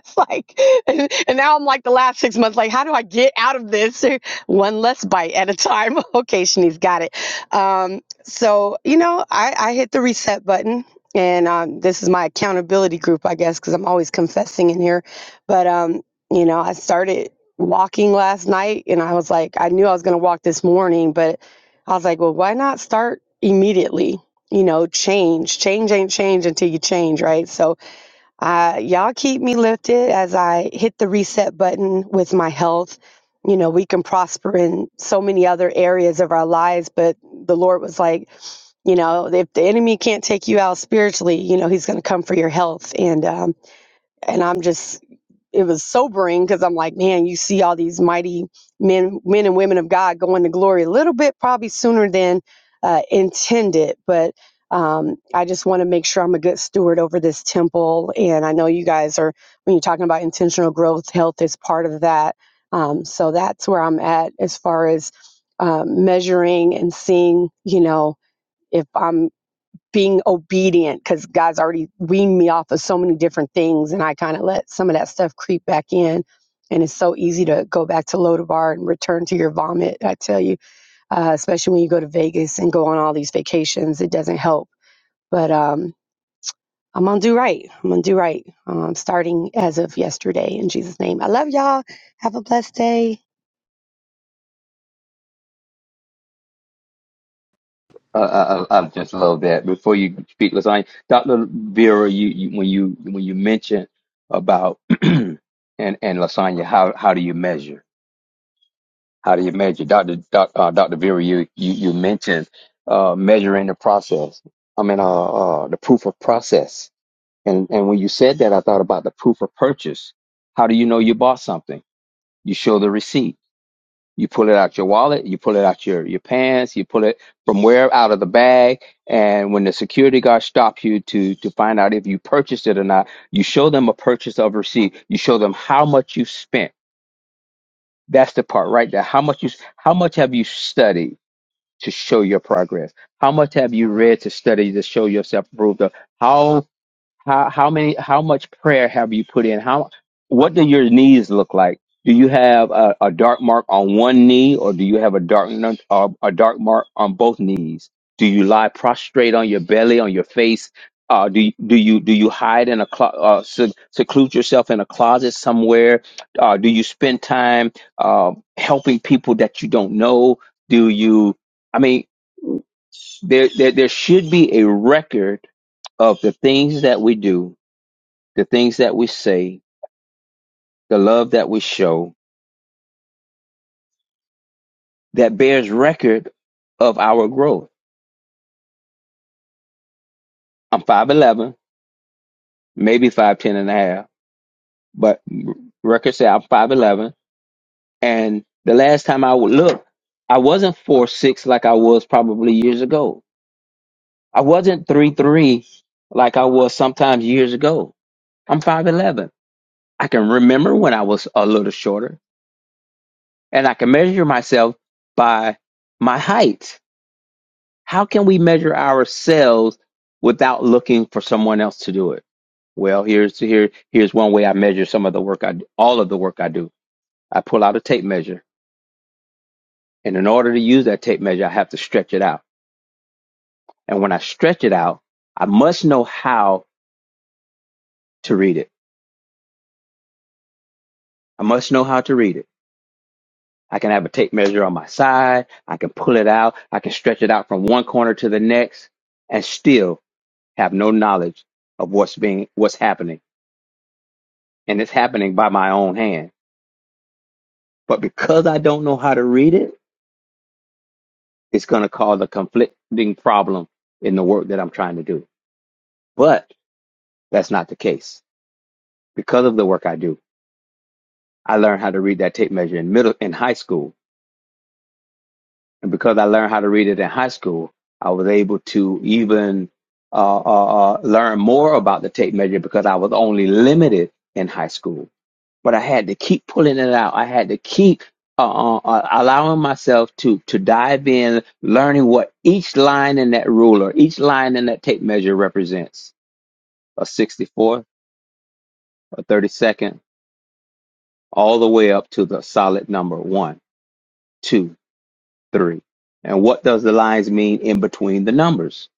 F: *laughs* it's like, and and now I'm like the last six months, like, how do I get out of this? *laughs* One less bite at a time. *laughs* okay, Shanice got it. Um, so, you know, I, I hit the reset button. And um, this is my accountability group, I guess, because I'm always confessing in here. But, um, you know, I started walking last night and I was like, I knew I was going to walk this morning, but I was like, well, why not start immediately? You know, change. Change ain't change until you change, right? So, uh, y'all keep me lifted as I hit the reset button with my health. You know, we can prosper in so many other areas of our lives, but the Lord was like, you know, if the enemy can't take you out spiritually, you know, he's going to come for your health. And um, and I'm just it was sobering because I'm like, man, you see all these mighty men, men and women of God going to glory a little bit probably sooner than uh, intended. But um, I just want to make sure I'm a good steward over this temple. And I know you guys are, when you're talking about intentional growth, health is part of that. Um, so that's where I'm at as far as um measuring and seeing, you know, if I'm being obedient because God's already weaned me off of so many different things, and I kind of let some of that stuff creep back in. And it's so easy to go back to Lodabar and return to your vomit. I tell you, uh, especially when you go to Vegas and go on all these vacations, it doesn't help. But um, I'm gonna do right. I'm gonna do right. Um, starting as of yesterday, in Jesus' name. I love y'all. Have a blessed day.
E: Uh, uh, uh, I just love that. Before you speak, Lasagna, Dr. Vera, you, you when you when you mentioned about *clears throat* and and Lasagna, how how do you measure? How do you measure, Dr. Doc, uh, Dr. Vera? You you you mentioned uh, measuring the process. I mean, uh, uh, the proof of process. And and when you said that, I thought about the proof of purchase. How do you know you bought something? You show the receipt you pull it out your wallet, you pull it out your, your pants, you pull it from where out of the bag. And when the security guard stops you to to find out if you purchased it or not, you show them a purchase of receipt. You show them how much you spent. That's the part right there. How much you how much have you studied to show your progress? How much have you read to study to show yourself approved of? How how how many how much prayer have you put in how what do your knees look like do you have a, a dark mark on one knee or do you have a dark nun- uh, a dark mark on both knees do you lie prostrate on your belly on your face uh, do you, do you do you hide in a clo- uh, se- seclude yourself in a closet somewhere? Uh, do you spend time uh, helping people that you don't know? Do you? I mean, there, there there should be a record of the things that we do the things that we say, the love that we show that bears record of our growth. I'm 5'11, maybe five ten and a half, but records say I'm 5'11. And the last time I would look, I wasn't four six like I was probably years ago. I wasn't three three like I was sometimes years ago. I'm 5'11. I can remember when I was a little shorter and I can measure myself by my height How can we measure ourselves without looking for someone else to do it? Well, here's here here's one way I measure some of the work I do, all of the work I do. I pull out a tape measure, and in order to use that tape measure, I have to stretch it out. And when I stretch it out, I must know how to read it. I must know how to read it. I can have a tape measure on my side. I can pull it out. I can stretch it out from one corner to the next, and still have no knowledge of what's being what's happening. And it's happening by my own hand But because I don't know how to read it, it's going to cause a conflicting problem in the work that I'm trying to do. But that's not the case. Because of the work I do, I learned how to read that tape measure in middle in high school, and because I learned how to read it in high school, I was able to even uh, uh, uh, learn more about the tape measure because I was only limited in high school. but I had to keep pulling it out. I had to keep uh, uh, uh, allowing myself to to dive in, learning what each line in that ruler, each line in that tape measure represents a 64, a 32nd, all the way up to the solid number one, two, three. And what does the lines mean in between the numbers?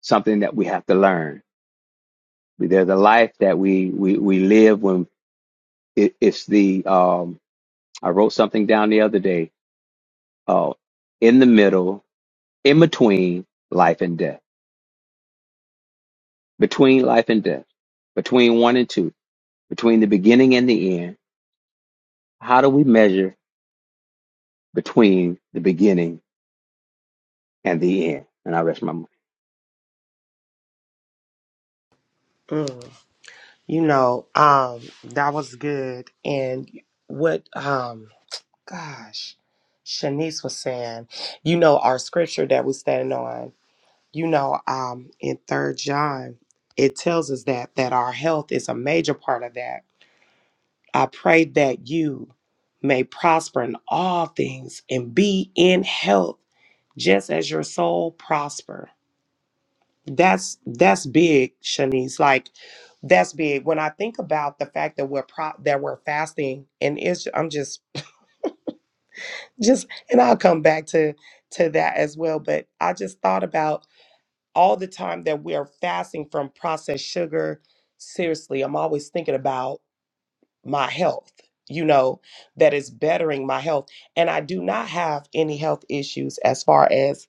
E: Something that we have to learn. They're the life that we we, we live when it, it's the um, I wrote something down the other day. Uh, in the middle in between life and death, between life and death, between one and two, between the beginning and the end. How do we measure between the beginning and the end? And I rest my mind.
C: Mm, you know, um, that was good. And what, um, gosh, Shanice was saying, you know, our scripture that we stand on, you know, um, in third John, it tells us that, that our health is a major part of that. I pray that you may prosper in all things and be in health just as your soul prosper. That's that's big, Shanice. Like that's big. When I think about the fact that we're pro- that we're fasting, and it's I'm just just and I'll come back to to that as well. But I just thought about all the time that we are fasting from processed sugar. Seriously, I'm always thinking about my health, you know, that is bettering my health. And I do not have any health issues as far as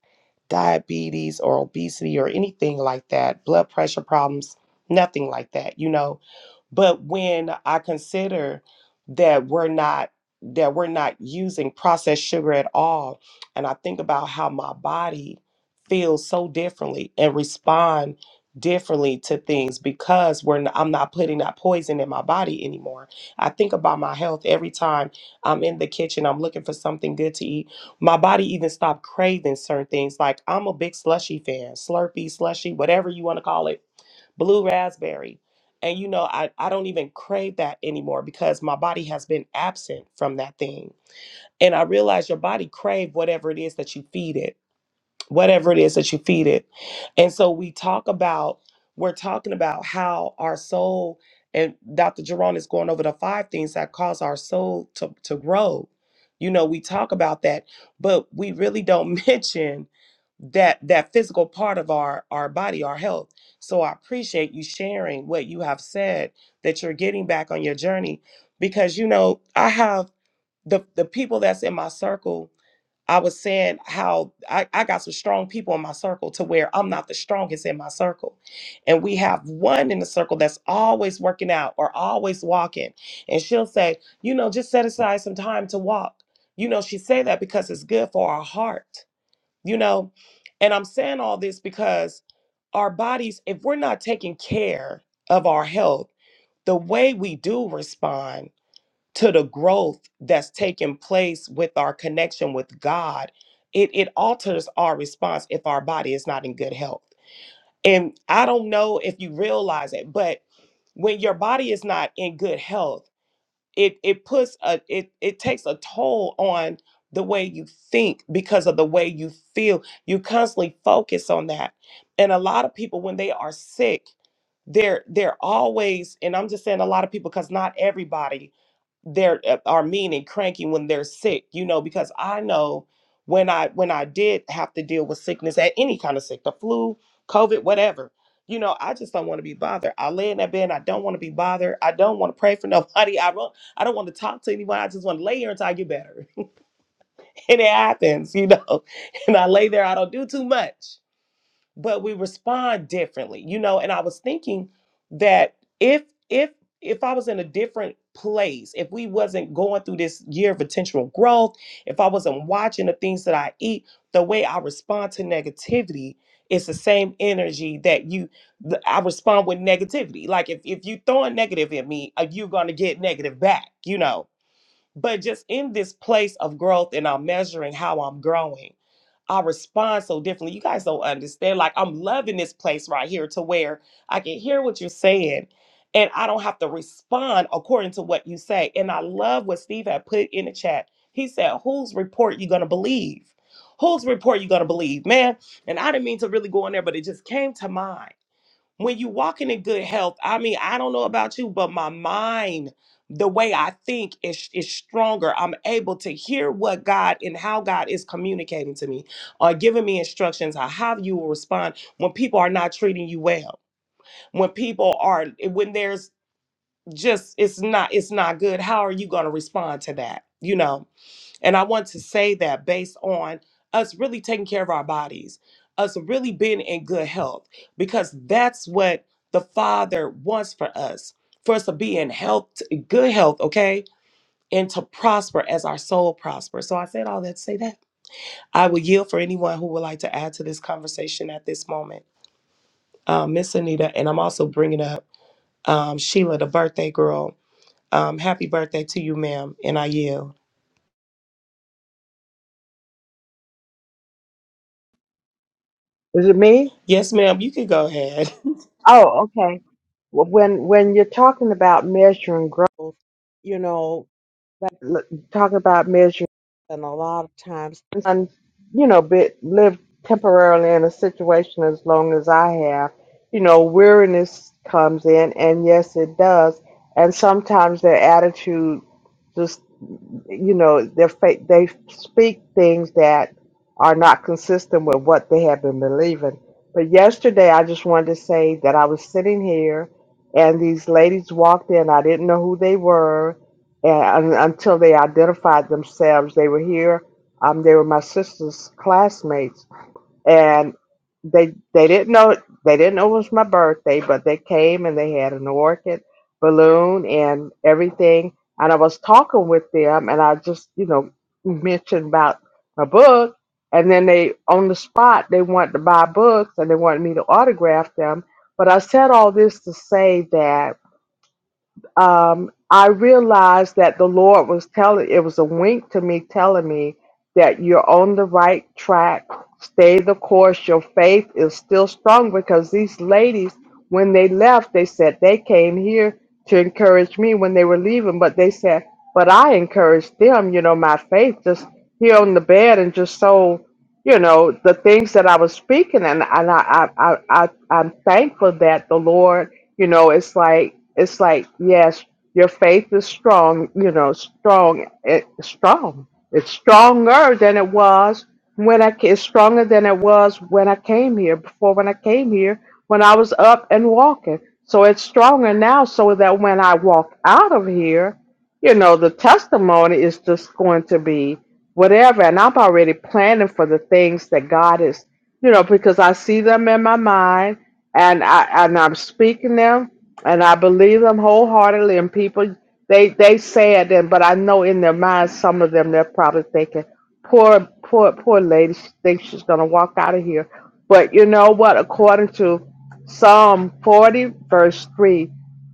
C: diabetes or obesity or anything like that, blood pressure problems, nothing like that, you know. But when I consider that we're not that we're not using processed sugar at all, and I think about how my body feels so differently and respond differently to things because we're not, I'm not putting that poison in my body anymore. I think about my health every time I'm in the kitchen, I'm looking for something good to eat. My body even stopped craving certain things. Like I'm a big slushy fan, Slurpee, slushy, whatever you want to call it blue raspberry. And you know, I, I don't even crave that anymore because my body has been absent from that thing. And I realize your body crave whatever it is that you feed it whatever it is that you feed it. And so we talk about, we're talking about how our soul, and Dr. Jerome is going over the five things that cause our soul to, to grow. You know, we talk about that, but we really don't *laughs* mention that that physical part of our our body our health so i appreciate you sharing what you have said that you're getting back on your journey because you know i have the the people that's in my circle I was saying how I, I got some strong people in my circle to where I'm not the strongest in my circle. And we have one in the circle that's always working out or always walking. And she'll say, you know, just set aside some time to walk. You know, she say that because it's good for our heart, you know. And I'm saying all this because our bodies, if we're not taking care of our health, the way we do respond to the growth that's taking place with our connection with God, it, it alters our response if our body is not in good health. And I don't know if you realize it, but when your body is not in good health, it it puts a it it takes a toll on the way you think because of the way you feel you constantly focus on that and a lot of people when they are sick they're they're always and i'm just saying a lot of people because not everybody they're uh, are mean and cranky when they're sick you know because i know when i when i did have to deal with sickness at any kind of sick the flu covid whatever you know i just don't want to be bothered i lay in that bed and i don't want to be bothered i don't want to pray for nobody *laughs* i I don't want to talk to anyone. I just want to lay here until I get better. *laughs* And it happens, you know. *laughs* And I lay there, I don't do too much. But we respond differently, you know. And I was thinking that if if if I was in a different place, if we wasn't going through this year of intentional growth, if I wasn't watching the things that I eat, the way I respond to negativity is the same energy that you th- I respond with negativity. Like if if you throw a negative at me, uh, you're gonna get negative back, you know but just in this place of growth and I'm measuring how I'm growing, I respond so differently. You guys don't understand. Like I'm loving this place right here to where I can hear what you're saying and I don't have to respond according to what you say. And I love what Steve had put in the chat. He said, whose report you gonna believe? Whose report you gonna believe, man? And I didn't mean to really go in there, but it just came to mind when you walking in good health, I mean, I don't know about you, but my mind, the way I think is is stronger. I'm able to hear what God and how God is communicating to me, or giving me instructions on how you will respond when people are not treating you well, when people are when there's just it's not it's not good. How are you going to respond to that? You know, and I want to say that based on us really taking care of our bodies, us really being in good health, because that's what the Father wants for us, for us to be in health, good health, okay? And to prosper as our soul prospers. So I said all that to say that. I will yield for anyone who would like to add to this conversation at this moment. Um, Miss Anita, and I'm also bringing up um, Sheila, the birthday girl. Um, happy birthday to you, ma'am. And I yield.
G: Is it me?
C: Yes, ma'am, you can go ahead. *laughs*
G: Oh, okay. Well, When when you're talking about measuring growth, you know, like l- talking about measuring, and a lot of times, and you know, bit lived temporarily in a situation as long as I have, you know, weariness comes in, and yes, it does. And sometimes their attitude just you know, they're fa- they speak things that are not consistent with what they have been believing. But yesterday, I just wanted to say that I was sitting here, and these ladies walked in. I didn't know who they were, and un- until they identified themselves, they were here. Um, they were my sister's classmates and they they didn't know they didn't know it was my birthday, but they came and they had an orchid balloon and everything. And I was talking with them, and I just you know mentioned about my book, and then they on the spot they wanted to buy books and they wanted me to autograph them. But I said all this to say that um, I realized that the Lord was telling, it was a wink to me telling me that you're on the right track. Stay the course. Your faith is still strong because these ladies, when they left, they said they came here to encourage me when they were leaving, but they said, but I encouraged them, you know, my faith just here on the bed and just so, you know, the things that I was speaking. And, and I, I, I, I, I'm thankful that the Lord you know, it's like it's like yes, your faith is strong. You know, strong. It's strong. It's stronger than it was when I. ca- It's stronger than it was when I came here. Before when I came here, when I was up and walking. So it's stronger now, so that when I walk out of here, you know, the testimony is just going to be whatever. And I'm already planning for the things that God is, you know, because I see them in my mind and I and I'm speaking them, and I believe them wholeheartedly. And people, they they say it, and but I know in their minds, some of them they're probably thinking, "Poor, poor, poor lady, she thinks she's gonna walk out of here." But you know what? According to Psalm 40, verse three,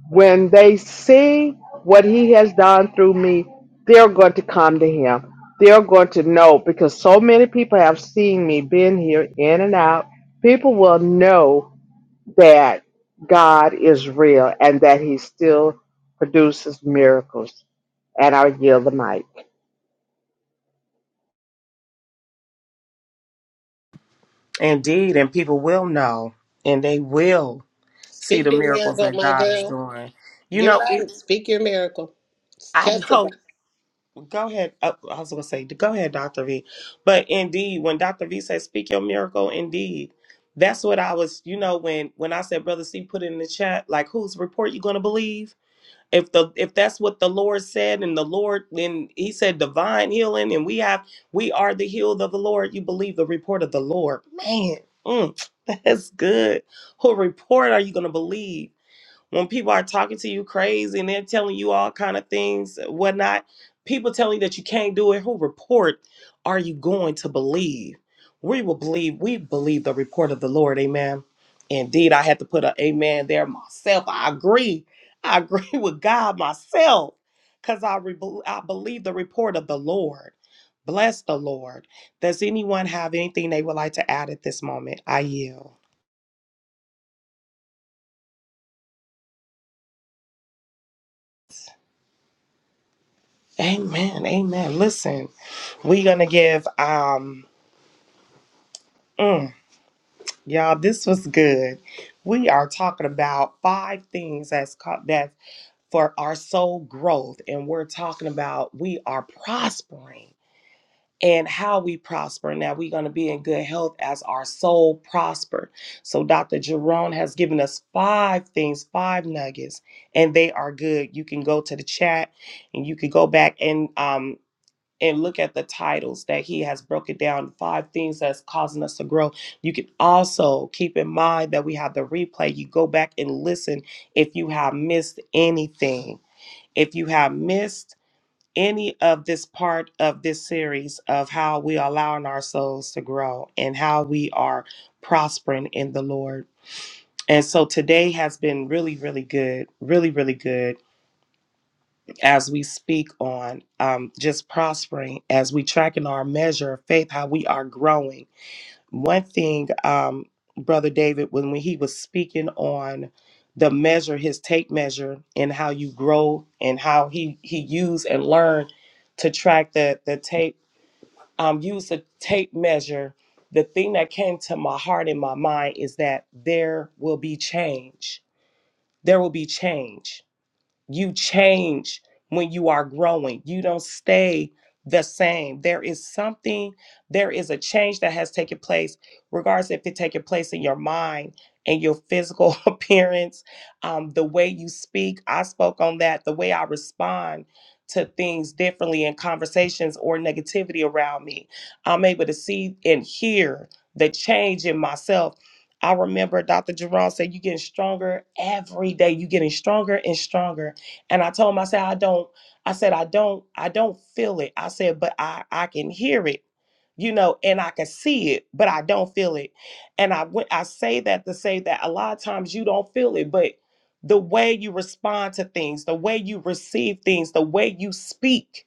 G: when they see what He has done through me, they're going to come to Him. They're going to know because so many people have seen me, been here in and out people will know that God is real and that He still produces miracles. And I yield the mic.
C: Indeed, and people will know and they will see
A: Speak
C: the
A: your
C: miracles
A: miracle,
C: that
A: my
C: God is
A: girl.
C: doing. You
A: You're
C: know, it,
A: right. Speak your miracle.
C: I
A: Testify.
C: know, go ahead. uh, I was going to say, go ahead, Dr. V. But indeed, when Dr. V said, speak your miracle, indeed. That's what I was, you know, when when I said, Brother C, put it in the chat, like, whose report you going to believe? if the if that's what the lord said and the lord then he said divine healing and we have we are the healed of the lord you believe the report of the lord man mm, *laughs* *tsk* that's good what report are you going to believe when people are talking to you crazy and they're telling you all kind of things, whatnot, people telling you that you can't do it, who report are you going to believe? We will believe, we believe the report of the Lord, amen. Indeed, I had to put an amen there myself. I agree. I agree *laughs* with God myself because I, re- I believe the report of the Lord. Bless the Lord. Does anyone have anything they would like to add at this moment? I yield. Amen. Amen. Listen. We're gonna give um mm, y'all this was good. We are talking about five things that's called that for our soul growth, and we're talking about we are prospering and how we prosper. Now we're gonna be in good health as our soul prosper. So Dr. Jerome has given us five things, five nuggets, and they are good. You can go to the chat and you can go back and um and look at the titles that he has broken down five things that's causing us to grow you can also keep in mind that we have the replay you go back and listen if you have missed anything if you have missed any of this part of this series of how we are allowing our souls to grow and how we are prospering in the lord and so today has been really really good really really good as we speak on um, just prospering, as we tracking our measure of faith, how we are growing. One thing, um, Brother David, when, when he was speaking on the measure, his tape measure, and how you grow and how he he used and learned to track the the tape, um, use the tape measure. The thing that came to my heart and my mind is that there will be change. There will be change you change when you are growing. You don't stay the same. There is something, there is a change that has taken place, regardless if it taking place in your mind and your physical *laughs* appearance, um, the way you speak. I spoke on that, the way I respond to things differently in conversations or negativity around me. I'm able to see and hear the change in myself. I remember Dr. Jerome said, You're getting stronger every day. You're getting stronger and stronger and I told him, I said, I don't, I said, I don't, I don't feel it. I said, but I, I can hear it, you know, and I can see it, but I don't feel it. And I went, I say that to say that a lot of times you don't feel it, but the way you respond to things, the way you receive things, the way you speak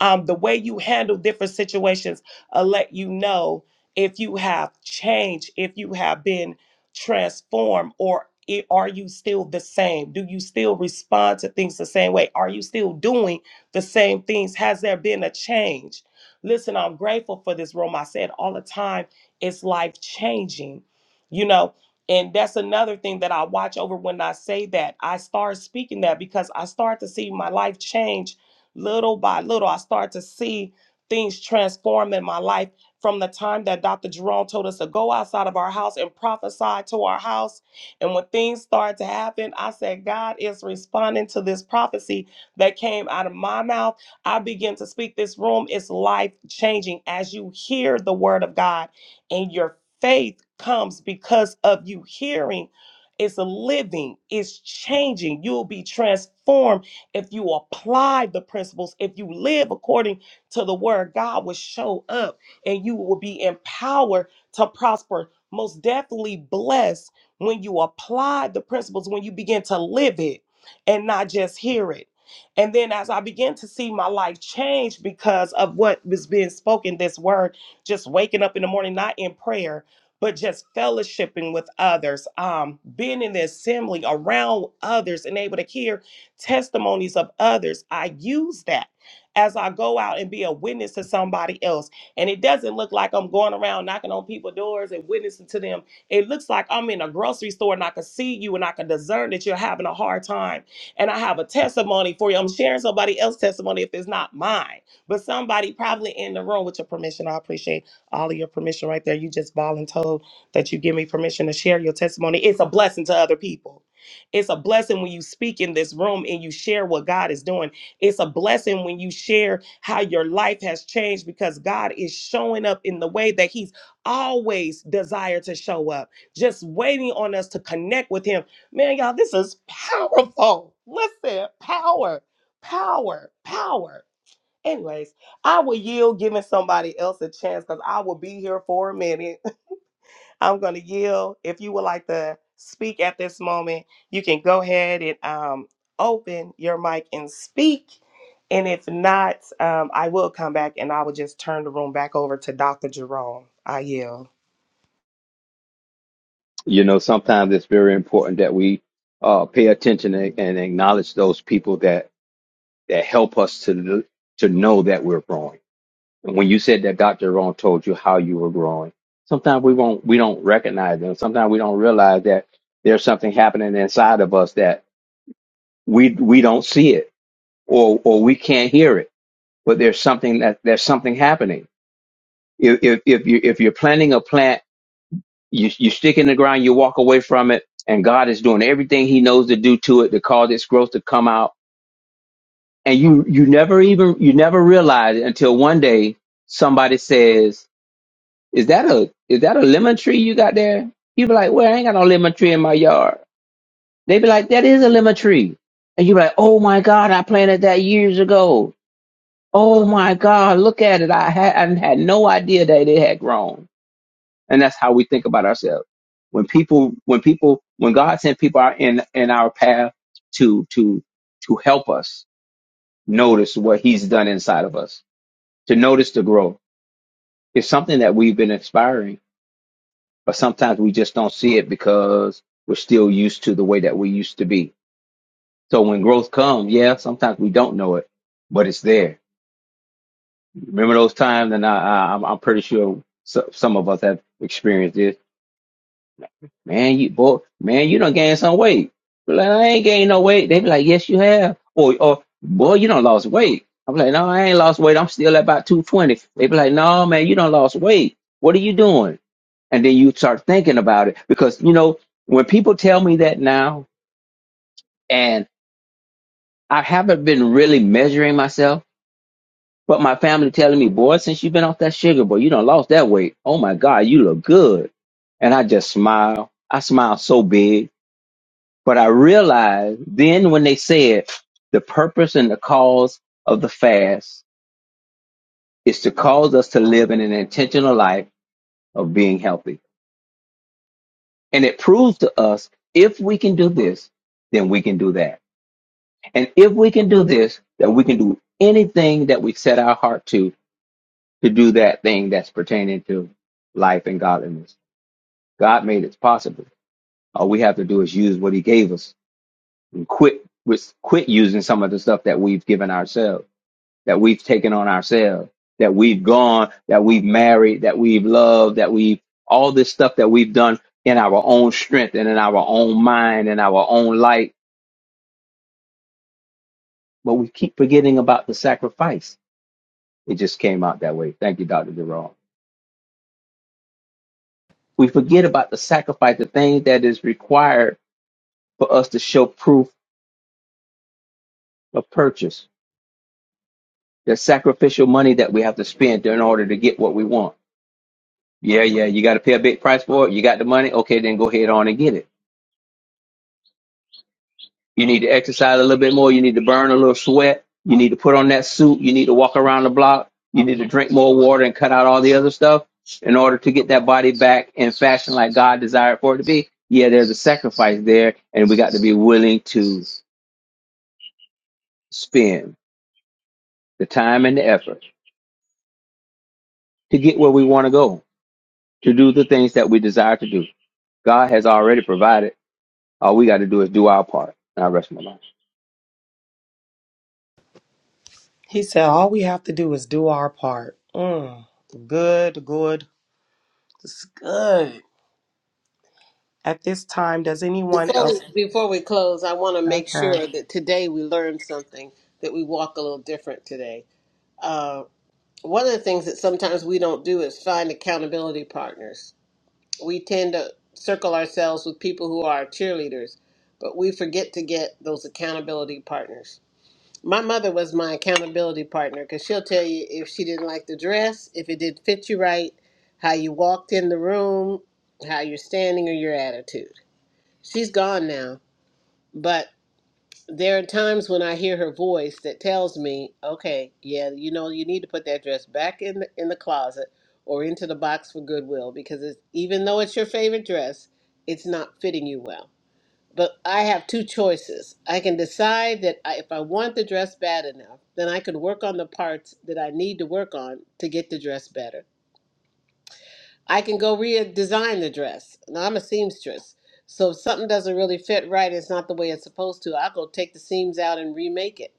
C: um, the way you handle different situations will let you know if you have changed, if you have been transformed, or i- are you still the same? Do you still respond to things the same way? Are you still doing the same things? Has there been a change? Listen, I'm grateful for this room. I said all the time, it's life changing, you know. And that's another thing that I watch over when I say that. I start speaking that because I start to see my life change Little by little, I start to see things transform in my life from the time that Dr. Jerome told us to go outside of our house and prophesy to our house. And when things started to happen, I said, God is responding to this prophecy that came out of my mouth. I begin to speak this room. is life changing as you hear the word of God and your faith comes because of you hearing. It's living, it's changing. You'll be transformed if you apply the principles, if you live according to the word, God will show up and you will be empowered to prosper. Most definitely blessed when you apply the principles, when you begin to live it and not just hear it. And then as I began to see my life change because of what was being spoken, this word, just waking up in the morning, not in prayer, but just fellowshipping with others, um, being in the assembly around others and able to hear testimonies of others. I use that as I go out and be a witness to somebody else. And it doesn't look like I'm going around knocking on people's doors and witnessing to them. It looks like I'm in a grocery store and I can see you and I can discern that you're having a hard time. And I have a testimony for you. I'm sharing somebody else's testimony if it's not mine, but somebody probably in the room with your permission. I appreciate all of your permission right there. You just volunteered that you give me permission to share your testimony. It's a blessing to other people. It's a blessing when you speak in this room and you share what God is doing. It's a blessing when you share how your life has changed because God is showing up in the way that He's always desired to show up, just waiting on us to connect with Him. Man, y'all, this is powerful. Listen, power, power, power. Anyways, I will yield giving somebody else a chance because I will be here for a minute. I'm going to yield. If you would like to speak at this moment, you can go ahead and um, open your mic and speak. And if not, um, I will come back and I will just turn the room back over to Dr. Jerome. I yield.
E: You know, sometimes it's very important that we uh, pay attention and and acknowledge those people that that help us to to know that we're growing. And when you said that Dr. Ron told you how you were growing, sometimes we won't we don't recognize them. Sometimes we don't realize that there's something happening inside of us that. we we don't see it or or we can't hear it but there's something that there's something happening if if, if you if you're planting a plant you you stick it in the ground you walk away from it and god is doing everything he knows to do to it to cause its growth to come out and you you never even you never realize it until one day somebody says is that a is that a lemon tree you got there you be like well i ain't got no lemon tree in my yard they be like that is a lemon tree and you be like oh my god i planted that years ago Oh my God, look at it. I had, I had no idea that it had grown. And that's how we think about ourselves. When people, when people, when God sent people out in, in our path to, to, to help us notice what he's done inside of us, to notice the growth. It's something that we've been inspiring, but sometimes we just don't see it because we're still used to the way that we used to be. So when growth comes, yeah, sometimes we don't know it, but it's there Remember those times, and I, I, I'm I'm pretty sure so, some of us have experienced this. Man, you boy, man, you done gained some weight. Be Like, I ain't gained no weight. They be like, yes, you have. Or, or boy, you done lost weight. I'm like, no, I ain't lost weight. I'm still at about 220. They be like, no, man, you done lost weight. What are you doing? And then you start thinking about it because, you know, when people tell me that now, and I haven't been really measuring myself, But my family telling me, boy, since you've been off that sugar, boy, you done lost that weight. Oh my God, you look good. And I just smile. I smile so big. But I realized then when they said the purpose and the cause of the fast is to cause us to live in an intentional life of being healthy. And it proves to us if we can do this, then we can do that. And if we can do this, then we can do anything that we set our heart to to do that thing that's pertaining to life and godliness. God made it possible. All we have to do is use what He gave us and quit with quit using some of the stuff that we've given ourselves, that we've taken on ourselves, that we've gone, that we've married, that we've loved, that we've all this stuff that we've done in our own strength and in our own mind and our own light. But we keep forgetting about the sacrifice. It just came out that way. Thank you, Dr. Jerome. We forget about the sacrifice, the thing that is required for us to show proof of purchase. There's sacrificial money that we have to spend in order to get what we want. Yeah, yeah, you got to pay a big price for it. You got the money. Okay, then go ahead on and get it. You need to exercise a little bit more. You need to burn a little sweat. You need to put on that suit. You need to walk around the block. You need to drink more water and cut out all the other stuff in order to get that body back in fashion like God desired for it to be. Yeah, there's a sacrifice there, and we got to be willing to spend the time and the effort to get where we want to go. to do the things that we desire to do. God has already provided. All we got to do is do our part. And I rest my mind.
C: He said, All we have to do is do our part. Mm, good, good. It's good. At this time, does anyone
A: Before we
C: else?
A: before we close, I want to
C: *laughs*
A: make
C: Okay.
A: sure that today we learn something that we walk a little different today. Uh, one of the things that sometimes we don't do is find accountability partners. We tend to circle ourselves with people who are our cheerleaders, but we forget to get those accountability partners. My mother was my accountability partner because she'll tell you if she didn't like the dress, if it didn't fit you right, how you walked in the room, how you're standing, or your attitude. She's gone now, but there are times when I hear her voice that tells me, okay, yeah, you know, you need to put that dress back in the, in the closet or into the box for Goodwill because it's, even though it's your favorite dress, it's not fitting you well. But I have two choices. I can decide that I, if I want the dress bad enough, then I can work on the parts that I need to work on to get the dress better. I can go redesign the dress. Now, I'm a seamstress. So if something doesn't really fit right, it's not the way it's supposed to, I'll go take the seams out and remake it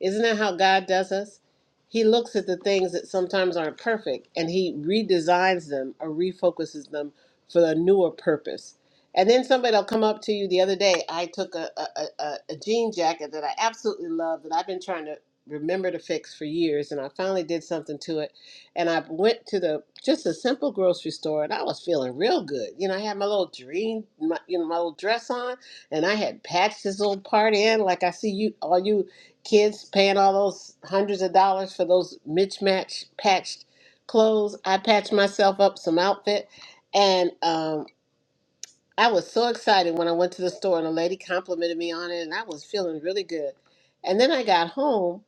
A: isn't that how God does us? He looks at the things that sometimes aren't perfect and he redesigns them or refocuses them for a newer purpose. And then somebody will come up to you the other day. I took a, a, a, a a jean jacket that I absolutely love that I've been trying to remember to fix for years. And I finally did something to it. And I went to the just a simple grocery store and I was feeling real good. You know, I had my little dream, my, you know, my little dress on and I had patched this little part in like I see you all you kids paying all those hundreds of dollars for those mismatched patched clothes. I patched myself up some outfit, and um, I was so excited when I went to the store and a lady complimented me on it, and I was feeling really good. And then I got home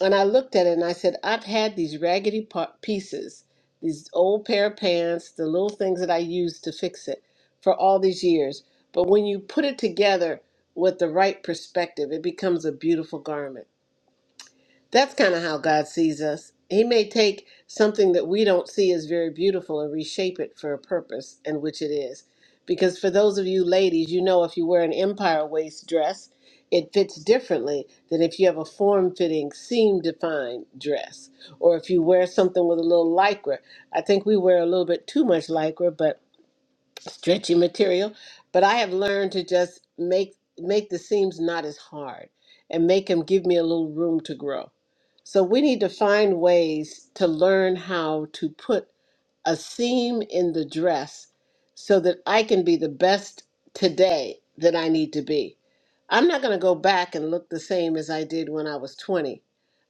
A: and I looked at it and I said, I've had these raggedy pa- pieces, these old pair of pants, the little things that I used to fix it for all these years. But when you put it together with the right perspective, it becomes a beautiful garment. That's kind of how God sees us. He may take something that we don't see as very beautiful and reshape it for a purpose, and which it is. Because for those of you ladies, you know if you wear an empire waist dress, it fits differently than if you have a form fitting, seam defined dress. Or if you wear something with a little lycra. I think we wear a little bit too much lycra, but stretchy material but i have learned to just make make the seams not as hard and make them give me a little room to grow so we need to find ways to learn how to put a seam in the dress so that I can be the best today that I need to be. I'm not going to go back and look the same as I did when I was 20,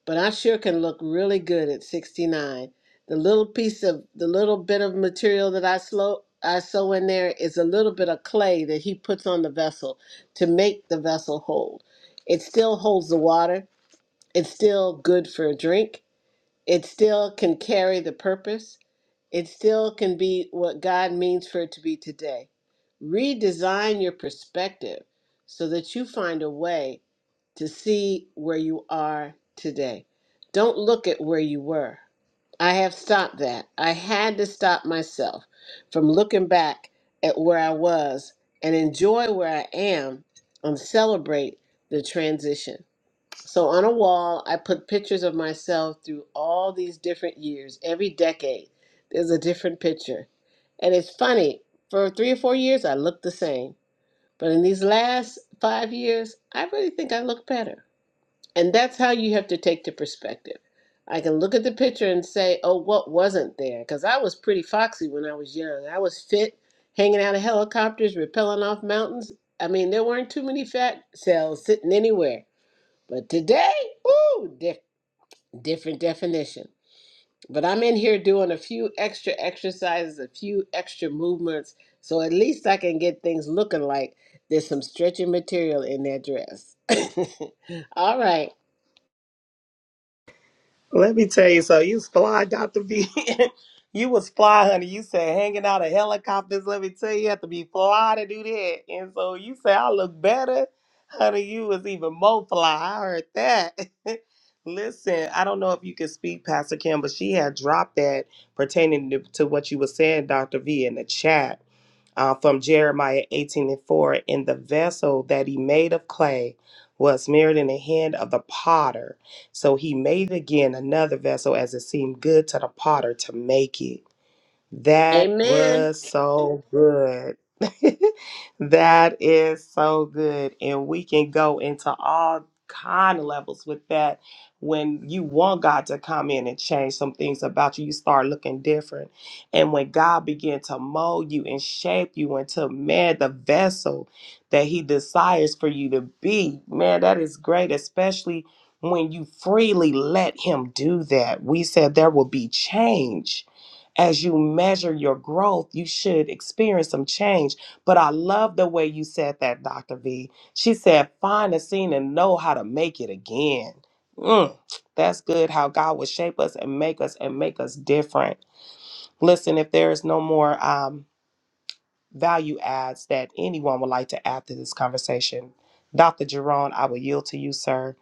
A: but I sure can look really good at 69. The little piece of the little bit of material that I slow I sew in there is a little bit of clay that he puts on the vessel to make the vessel hold. It still holds the water. It's still good for a drink it still can carry the purpose. It still can be what God means for it to be today. Redesign your perspective so that you find a way to see where you are today. Don't look at where you were. I have stopped that. I had to stop myself from looking back at where I was and enjoy where I am and celebrate the transition. So on a wall, I put pictures of myself through all these different years. Every decade, there's a different picture. And it's funny, for three or four years, I looked the same. But in these last five years, I really think I look better. And that's how you have to take the perspective. I can look at the picture and say, oh, what wasn't there? Because I was pretty foxy when I was young. I was fit, hanging out of helicopters, rappelling off mountains. I mean, there weren't too many fat cells sitting anywhere. But today, ooh, dif- different definition. But I'm in here doing a few extra exercises, a few extra movements, so at least I can get things looking like there's some stretching material in that dress. *laughs* All right.
C: Let me tell you so you was fly, Dr. V. *laughs* you was fly, honey. You said hanging out of helicopters. Let me tell you, you have to be fly to do that. And so you say I look better. Honey, you was even more fly. I heard that. *laughs* Listen, I don't know if you can speak, Pastor Kim, but she had dropped that pertaining to, to what you were saying, Dr. V, in the chat uh, from Jeremiah 18 and 4. And the vessel that he made of clay was mirrored in the hand of the potter. So he made again another vessel as it seemed good to the potter to make it. That
A: Amen.
C: was so good. *laughs* that is so good. And we can go into all kind of levels with that. When you want God to come in and change some things about you, you start looking different. And when God began to mold you and shape you into man, the vessel that He desires for you to be, man, that is great, especially when you freely let Him do that. We said there will be change as you measure your growth, you should experience some change. But I love the way you said that, Dr. V. She said, find a scene and know how to make it again. Mm, that's good how God will shape us and make us and make us different. Listen, if there is no more um, value adds that anyone would like to add to this conversation, Dr. Jerome, I will yield to you, sir.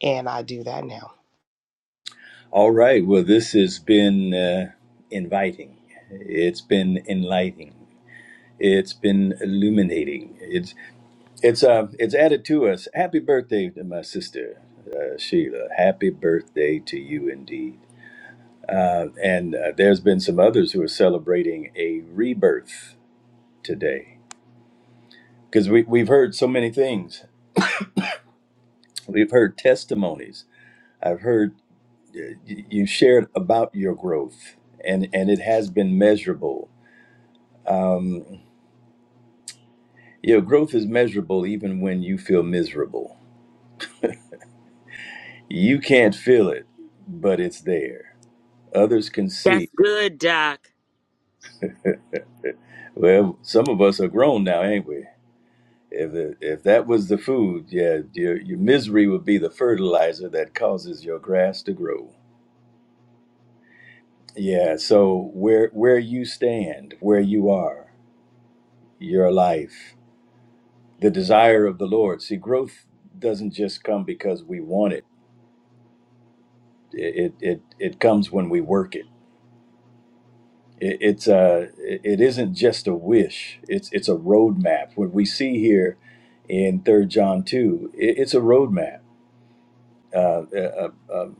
C: And I do that now.
B: All right. Well, this has been uh, inviting. It's been enlightening. It's been illuminating. It's it's uh it's added to us. Happy birthday to my sister uh, Sheila. Happy birthday to you indeed. Uh, and uh, there's been some others who are celebrating a rebirth today because we we've heard so many things. We've heard testimonies. I've heard uh, y- you shared about your growth, and and it has been measurable Um, Your growth is measurable even when you feel miserable. You can't feel it, but it's there. Others can see.
H: That's good, Doc.
B: Well, some of us are grown now, ain't we? If, if that was the food, yeah, your, your misery would be the fertilizer that causes your grass to grow. Yeah, so where where you stand, where you are, your life, the desire of the Lord. See, growth doesn't just come because we want it. It it it, it comes when we work it It, it's uh, it isn't just a wish. It's it's a roadmap. What we see here in Third John two, it, it's a roadmap uh, uh, uh, um,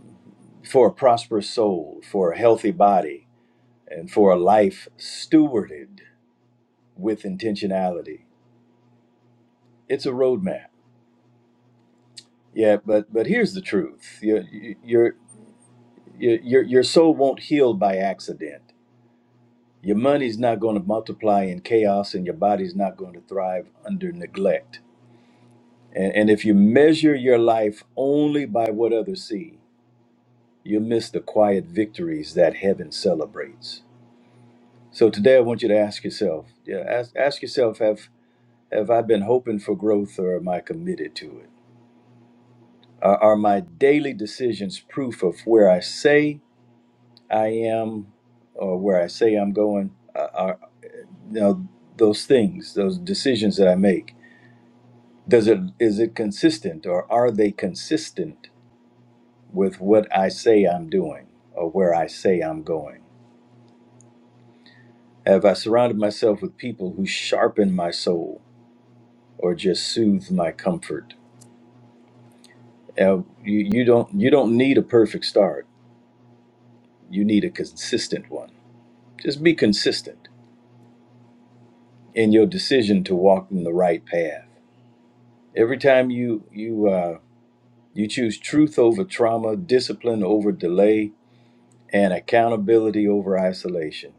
B: for a prosperous soul, for a healthy body, and for a life stewarded with intentionality. It's a roadmap. Yeah, but but here's the truth: your your your your your soul won't heal by accident. Your money's not going to multiply in chaos, and your body's not going to thrive under neglect And, and if you measure your life only by what others see, you'll miss the quiet victories that heaven celebrates. So today I want you to ask yourself, yeah, ask, ask yourself, have have I been hoping for growth or am I committed to it? Are, are my daily decisions proof of where I say I am or where I say I'm going? Are, are you know, those things, those decisions that I make, does it is it consistent or are they consistent with what I say I'm doing or where I say I'm going? Have I surrounded myself with people who sharpen my soul or just soothe my comfort? Uh, you, you don't you don't need a perfect start. You need a consistent one. Just be consistent in your decision to walk in the right path. Every time you you uh, you choose truth over trauma, discipline over delay, and accountability over isolation,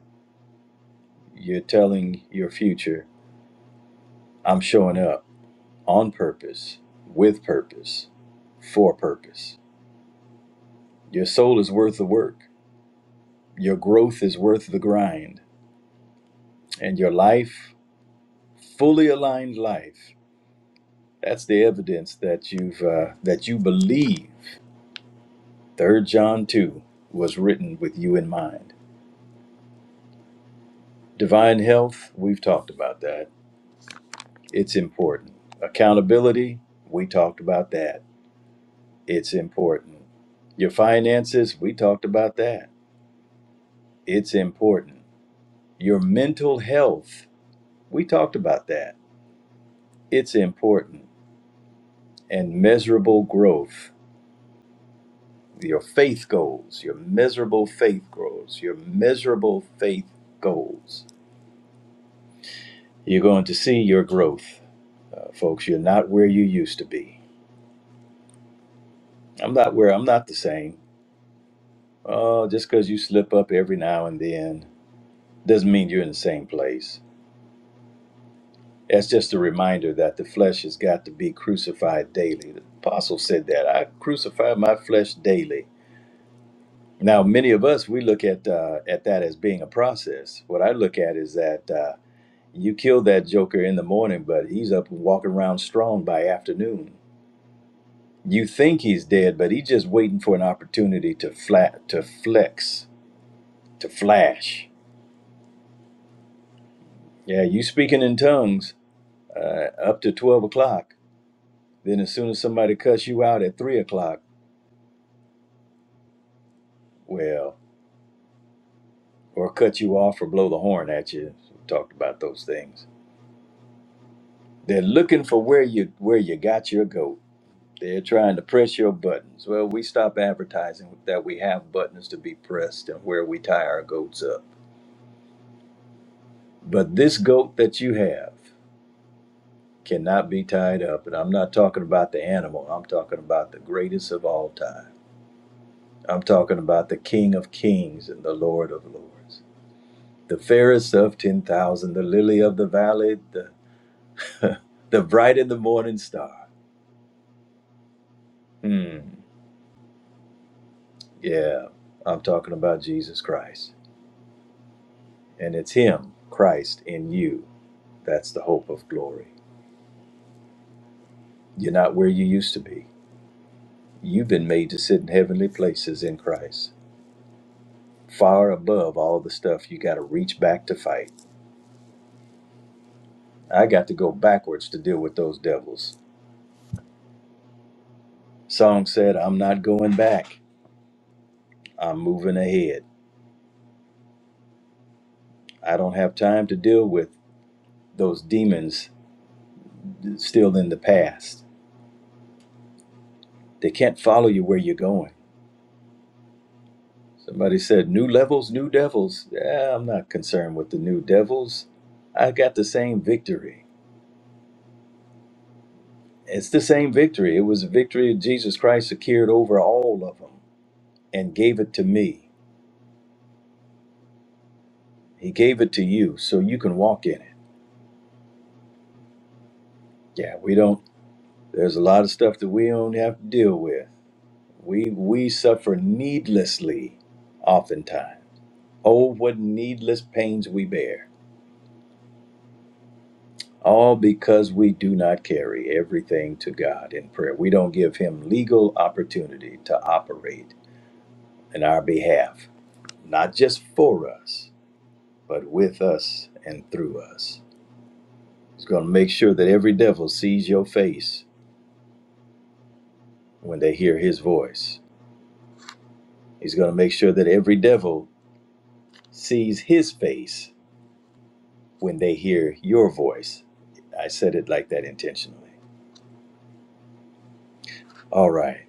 B: you're telling your future, "I'm showing up." on purpose, with purpose, for purpose. Your soul is worth the work, your growth is worth the grind, and your life, fully aligned life, that's the evidence that you've uh, that you believe. Third John two was written with you in mind. Divine health, we've talked about that. It's important. Accountability, we talked about that. It's important. Your finances, we talked about that. It's important Your mental health, we talked about that. It's important. And measurable growth, your faith goals, your miserable faith goals, your miserable faith goals. You're going to see your growth, uh, folks. You're not where you used to be. I'm not where I'm not the same. Oh, just because you slip up every now and then doesn't mean you're in the same place. That's just a reminder that the flesh has got to be crucified daily. The apostle said that I crucify my flesh daily Now, many of us we look at uh, at that as being a process. What I look at is that uh, you kill that joker in the morning, but he's up and walking around strong by afternoon. You think he's dead, but he's just waiting for an opportunity to flat to flex to flash. Yeah, you speaking in tongues uh, up to twelve o'clock. Then as soon as somebody cuts you out at three o'clock, well, or cut you off or blow the horn at you. We talked about those things. They're looking for where you where you got your goat They're trying to press your buttons. Well, we stop advertising that we have buttons to be pressed and where we tie our goats up. But this goat that you have cannot be tied up. And I'm not talking about the animal, I'm talking about the greatest of all time. I'm talking about the King of Kings and the Lord of Lords, the fairest of 10,000, the lily of the valley, the, *laughs* the bright in the morning star. Hmm. Yeah, I'm talking about Jesus Christ. And it's Him, Christ, in you. That's the hope of glory. You're not where you used to be. You've been made to sit in heavenly places in Christ, far above all the stuff you got to reach back to fight. I got to go backwards to deal with those devils. Song said, I'm not going back. I'm moving ahead. I don't have time to deal with those demons still in the past. They can't follow you where you're going. Somebody said, New levels, new devils. Yeah, I'm not concerned with the new devils. I got the same victory. It's the same victory. It was a victory that Jesus Christ secured over all of them and gave it to me. He gave it to you so you can walk in it. Yeah, we don't, there's a lot of stuff that we don't have to deal with. We, we suffer needlessly oftentimes. Oh, what needless pains we bear. all because we do not carry everything to God in prayer. We don't give Him legal opportunity to operate in our behalf, not just for us, but with us and through us. He's going to make sure that every devil sees your face when they hear His voice. He's going to make sure that every devil sees His face when they hear your voice. I said it like that intentionally. All right.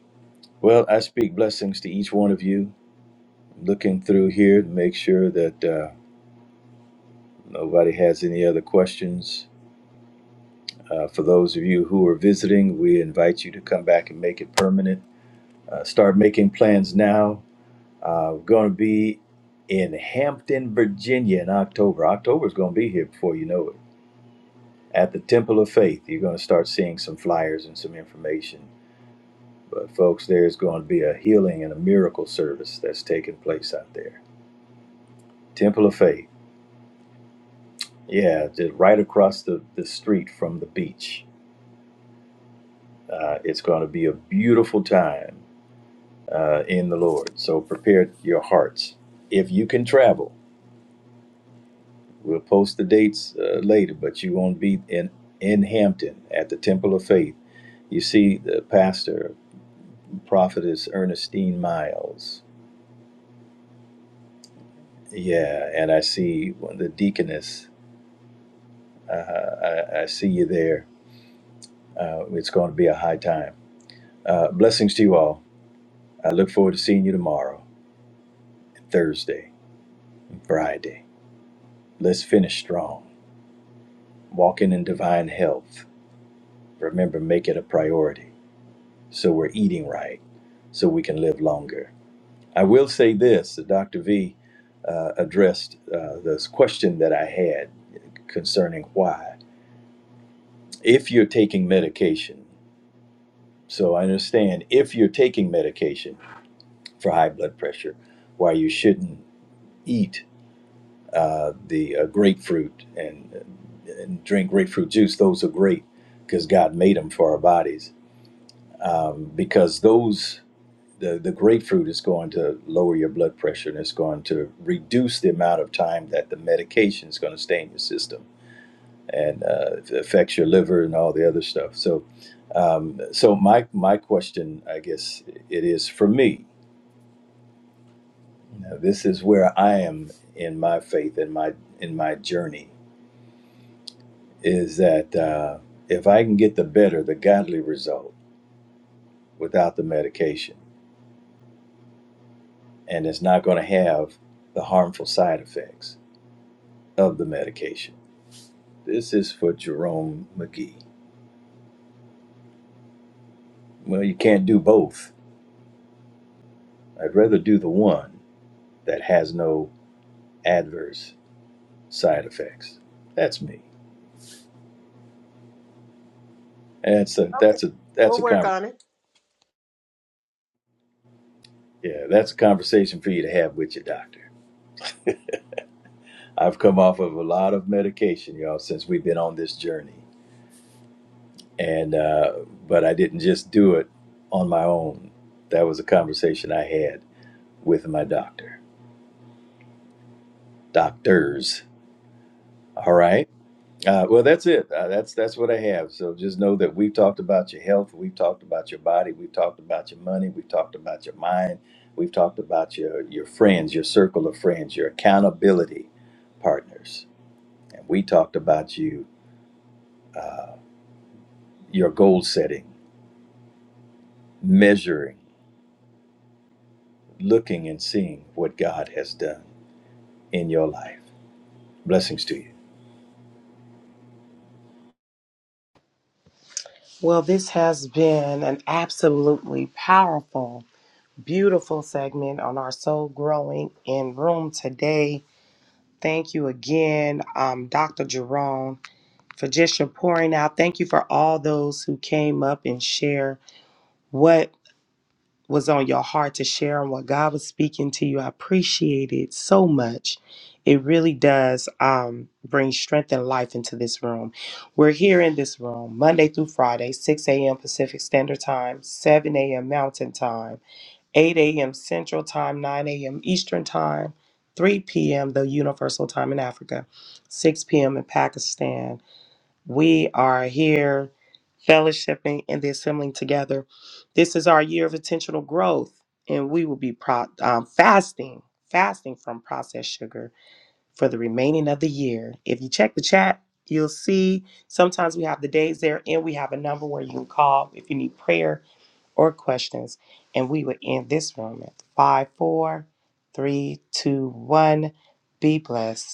B: Well, I speak blessings to each one of you. looking through here to make sure that uh, nobody has any other questions. Uh, for those of you who are visiting, we invite you to come back and make it permanent. Uh, start making plans now. Uh, we're going to be in Hampton, Virginia in October. October's going to be here before you know it. At the Temple of Faith, you're going to start seeing some flyers and some information. But, folks, there's going to be a healing and a miracle service that's taking place out there. Temple of Faith. Yeah, just right across the, the street from the beach. Uh, it's going to be a beautiful time uh, in the Lord. So prepare your hearts. If you can travel, we'll post the dates uh, later, but you won't be in, in Hampton at the Temple of Faith. You see the pastor, prophetess Ernestine Miles. Yeah, and I see one- the deaconess. Uh, I, I see you there. Uh, it's going to be a high time. Uh, blessings to you all. I look forward to seeing you tomorrow. Thursday, and Friday. Let's finish strong. Walking in divine health. Remember, make it a priority so we're eating right, so we can live longer. I will say this that Dr. V uh, addressed uh, this question that I had concerning why. If you're taking medication, so I understand if you're taking medication for high blood pressure, why you shouldn't eat uh, the uh, grapefruit and, and drink grapefruit juice. Those are great because God made them for our bodies. Um, because those the, the grapefruit is going to lower your blood pressure and it's going to reduce the amount of time that the medication is going to stay in your system and uh, it affects your liver and all the other stuff. So, um, so my my question, I guess, it is for me. Now, this is where I am in my faith and my in my journey is that uh, if I can get the better, the godly result without the medication, and it's not going to have the harmful side effects of the medication. This is for Jerome McGee. Well, you can't do both. I'd rather do the one that has no adverse side effects. That's me. That's a
A: Okay.
B: that's a that's
A: We'll
B: a
A: work
B: conver-
A: on it.
B: yeah that's a conversation for you to have with your doctor. I've come off of a lot of medication, y'all, since we've been on this journey and uh, but I didn't just do it on my own. That was a conversation I had with my doctor, doctors. All right. Uh, well, that's it. Uh, that's that's what I have. So just know that we've talked about your health, we've talked about your body, we've talked about your money, we've talked about your mind, we've talked about your your friends, your circle of friends, your accountability partners, and we talked about you, uh, your goal setting, measuring, looking, and seeing what God has done in your life. Blessings to you.
C: Well, this has been an absolutely powerful beautiful segment on our soul growing in room today. Thank you again, um, Dr. Jerome, for just your pouring out. Thank you for all those who came up and share what was on your heart to share and what God was speaking to you. I appreciate it so much. It really does um, bring strength and life into this room. We're here in this room Monday through Friday, 6 a.m. Pacific Standard Time, 7 a.m. Mountain Time. 8 a.m. Central Time, 9 a.m. Eastern Time, 3 p.m. the Universal Time in Africa, 6 p.m. in Pakistan. We are here fellowshipping and the assembling together. This is our year of intentional growth, and we will be pro- um, fasting, fasting from processed sugar for the remaining of the year. If you check the chat, you'll see sometimes we have the days there and we have a number where you can call if you need prayer or questions, and we would end this room at five, four, three, two, one. Be blessed.